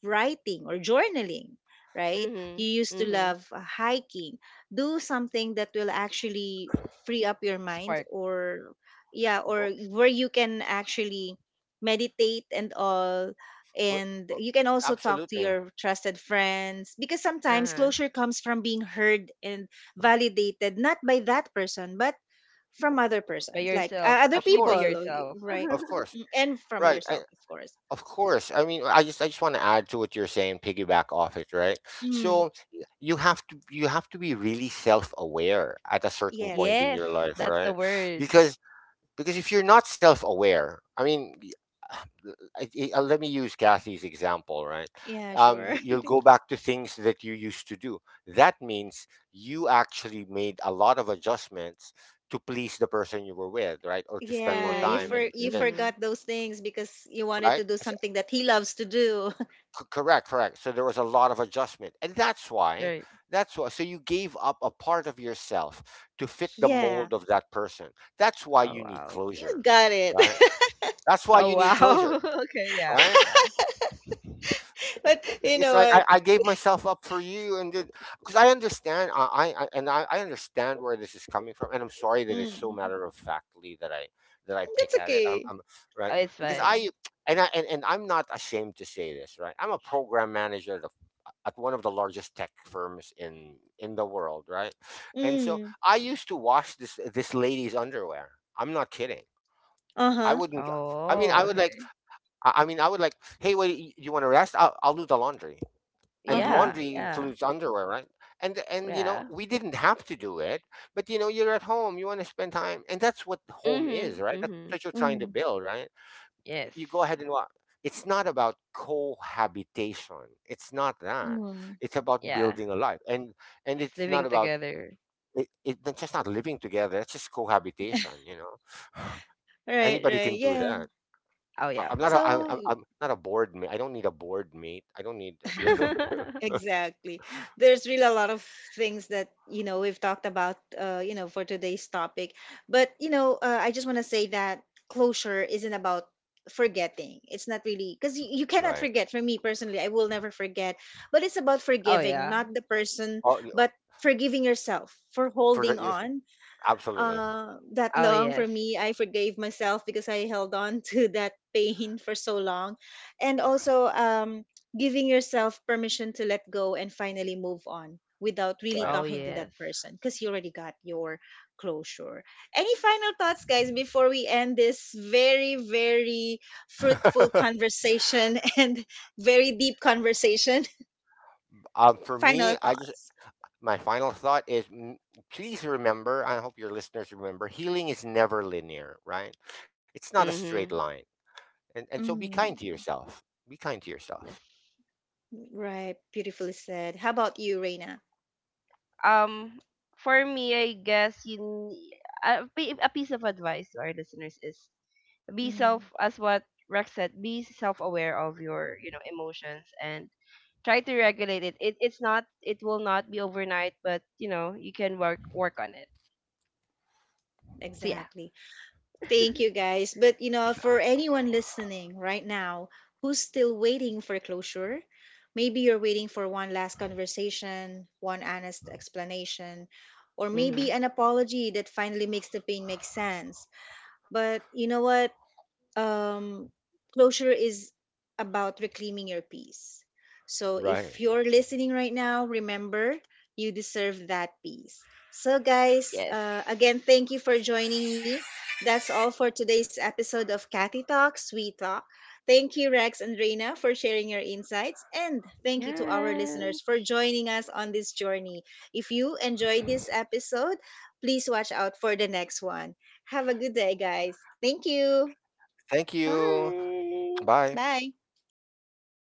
Speaker 1: writing or journaling, right? You
Speaker 3: Mhm.
Speaker 1: used to
Speaker 3: Mhm.
Speaker 1: love hiking. Do something that will actually free up your mind,
Speaker 3: Spark.
Speaker 1: or yeah,
Speaker 2: Well,
Speaker 1: or where you can actually meditate and all.
Speaker 2: well, well,
Speaker 1: And you can also talk to
Speaker 2: absolutely.
Speaker 1: your trusted friends, because sometimes
Speaker 3: Uh-huh.
Speaker 1: closure comes from being heard and validated, not by that person, but from other
Speaker 3: By
Speaker 1: persons, like
Speaker 3: yourself.
Speaker 1: other
Speaker 2: Of
Speaker 3: Actually by
Speaker 2: course.
Speaker 1: people,
Speaker 3: yourself.
Speaker 2: Of
Speaker 1: right?
Speaker 2: course.
Speaker 1: Mm, and
Speaker 2: Right.
Speaker 1: from yourself, of course.
Speaker 2: Of course. I just want to add to what you're saying, piggyback off it, right?
Speaker 1: Mm,
Speaker 2: So you have to, be really self-aware at a certain point
Speaker 1: yes.
Speaker 2: in
Speaker 3: Yes,
Speaker 2: your life,
Speaker 3: that's the
Speaker 2: right?
Speaker 3: word.
Speaker 2: Because because if you're not self-aware, let me use Kathy's example, right?
Speaker 1: Yeah, sure.
Speaker 2: You'll go back to things that you used to do. That means you actually made a lot of adjustments to please the person you were with, right? Or to spend more
Speaker 1: Yeah, you
Speaker 2: time
Speaker 1: for
Speaker 2: and,
Speaker 3: Mhm.
Speaker 1: you
Speaker 3: Mhm.
Speaker 1: forgot those things because you wanted to
Speaker 2: right?
Speaker 1: do something that he loves to do.
Speaker 2: Correct. So there was a lot of adjustment. And that's why,
Speaker 3: Right.
Speaker 2: so you gave up a part of yourself to fit the
Speaker 1: Yeah,
Speaker 2: mold of that person. That's why you
Speaker 3: Oh
Speaker 2: need
Speaker 3: wow.
Speaker 1: you
Speaker 2: closure,
Speaker 1: got it.
Speaker 2: right? That's why you
Speaker 3: Oh
Speaker 2: need closure,
Speaker 3: wow. Okay, yeah.
Speaker 2: right?
Speaker 3: Yeah.
Speaker 1: But you
Speaker 2: It's
Speaker 1: know
Speaker 2: like,
Speaker 1: what?
Speaker 2: I gave myself up for you. And because I understand, I understand where this is coming from, and I'm sorry that it's so
Speaker 1: Mm,
Speaker 2: matter of factly that I
Speaker 1: that's
Speaker 2: pick at it. I'm,
Speaker 1: okay.
Speaker 2: I'm right,
Speaker 3: Oh, it's
Speaker 2: because
Speaker 3: fine.
Speaker 2: I and I'm not ashamed to say this. Right, I'm a program manager at, at one of the largest tech firms in the world. Right, and so
Speaker 1: Mm,
Speaker 2: I used to wash this lady's underwear. I'm not kidding. I
Speaker 1: uh-huh.
Speaker 2: wouldn't. I mean, I
Speaker 3: Oh,
Speaker 2: would like…
Speaker 3: okay.
Speaker 2: I I mean, I would like. Hey, wait. You want to rest? I'll do the laundry, and
Speaker 1: Uh-huh.
Speaker 3: Yeah,
Speaker 2: laundry
Speaker 3: yeah.
Speaker 2: includes underwear, right? And you know,
Speaker 3: Yeah.
Speaker 2: we didn't have to do it, but you know, you're at home, you want to spend time, and that's what home is,
Speaker 3: Mhm.
Speaker 2: right? That's what
Speaker 3: Mhm.
Speaker 2: you're trying to
Speaker 1: Mm,
Speaker 2: build, right?
Speaker 3: Yes.
Speaker 2: You go ahead and what, it's not about cohabitation, it's not that.
Speaker 1: mm.
Speaker 2: It's about
Speaker 3: Yeah.
Speaker 2: building a life. And
Speaker 3: It's
Speaker 2: it's not
Speaker 3: living
Speaker 2: about,
Speaker 3: together.
Speaker 2: it's just not living together, it's just cohabitation, you know.
Speaker 1: Right,
Speaker 2: Anybody can
Speaker 1: right.
Speaker 2: do
Speaker 1: Yeah.
Speaker 2: that.
Speaker 3: Oh yeah, for sure.
Speaker 1: So
Speaker 2: I'm not a board mate. I don't need a board mate. I don't need.
Speaker 1: exa- exactly. There's really a lot of things that, you know, we've talked about, you know, for today's topic. But, you know, I just want to say that closure isn't about forgetting. It's not really, because you cannot
Speaker 2: Right.
Speaker 1: forget. For me personally, I will never forget. But it's about
Speaker 3: Oh
Speaker 1: forgiving,
Speaker 3: yeah.
Speaker 1: not the person,
Speaker 2: Oh,
Speaker 1: but forgiving yourself for
Speaker 2: for
Speaker 1: holding
Speaker 2: the if,
Speaker 1: on
Speaker 2: absolutely.
Speaker 1: that
Speaker 3: Oh
Speaker 1: long. For
Speaker 3: yes.
Speaker 1: me, I forgave myself because I held on to that pain for so long. And also, giving yourself permission to let go and finally move on without really
Speaker 2: Right.
Speaker 3: Oh
Speaker 1: talking to that
Speaker 3: yes.
Speaker 1: person, because you already got your closure. Any final thoughts, guys, before we end this very, very fruitful conversation and very deep conversation?
Speaker 2: For
Speaker 1: Final
Speaker 2: me, I just…
Speaker 1: thoughts.
Speaker 2: my final thought is: please remember, I hope your listeners remember: healing is never linear. Right? It's not a straight line,
Speaker 3: Mhm.
Speaker 2: and so be kind to
Speaker 1: Mm,
Speaker 2: yourself. Be kind to yourself.
Speaker 3: Yes.
Speaker 1: right. Beautifully said. How about you, Reina?
Speaker 3: Um, for me, I guess you n- a, pi- a piece of advice to our listeners is be self,
Speaker 1: Mm-hmm.
Speaker 3: as what Rex said. Be self-aware of your, you know, emotions and try to regulate it. It's not. It will not be overnight, but you know you can work on it. So yeah.
Speaker 1: Exactly. Thank you guys. But you know, for anyone listening right now who's still waiting for closure, maybe you're waiting for one last conversation, one honest explanation, or
Speaker 3: Mm-hmm.
Speaker 1: maybe an apology that finally makes the pain make sense. But you know what? um, Closure is about reclaiming your peace. So
Speaker 2: Right.
Speaker 1: if you're listening right now, remember, you deserve that peace. So, guys,
Speaker 3: Yes.
Speaker 1: again, thank you for joining me. That's all for today's episode of Cathy Talks, We Talk. Thank you, Rex and Reina, for sharing your insights. And thank you to our
Speaker 3: Yes.
Speaker 1: listeners for joining us on this journey. If you enjoyed this episode, please watch out for the next one. Have a good day, guys. Thank you.
Speaker 2: Thank you.
Speaker 3: Bye.
Speaker 2: Bye.
Speaker 1: Bye.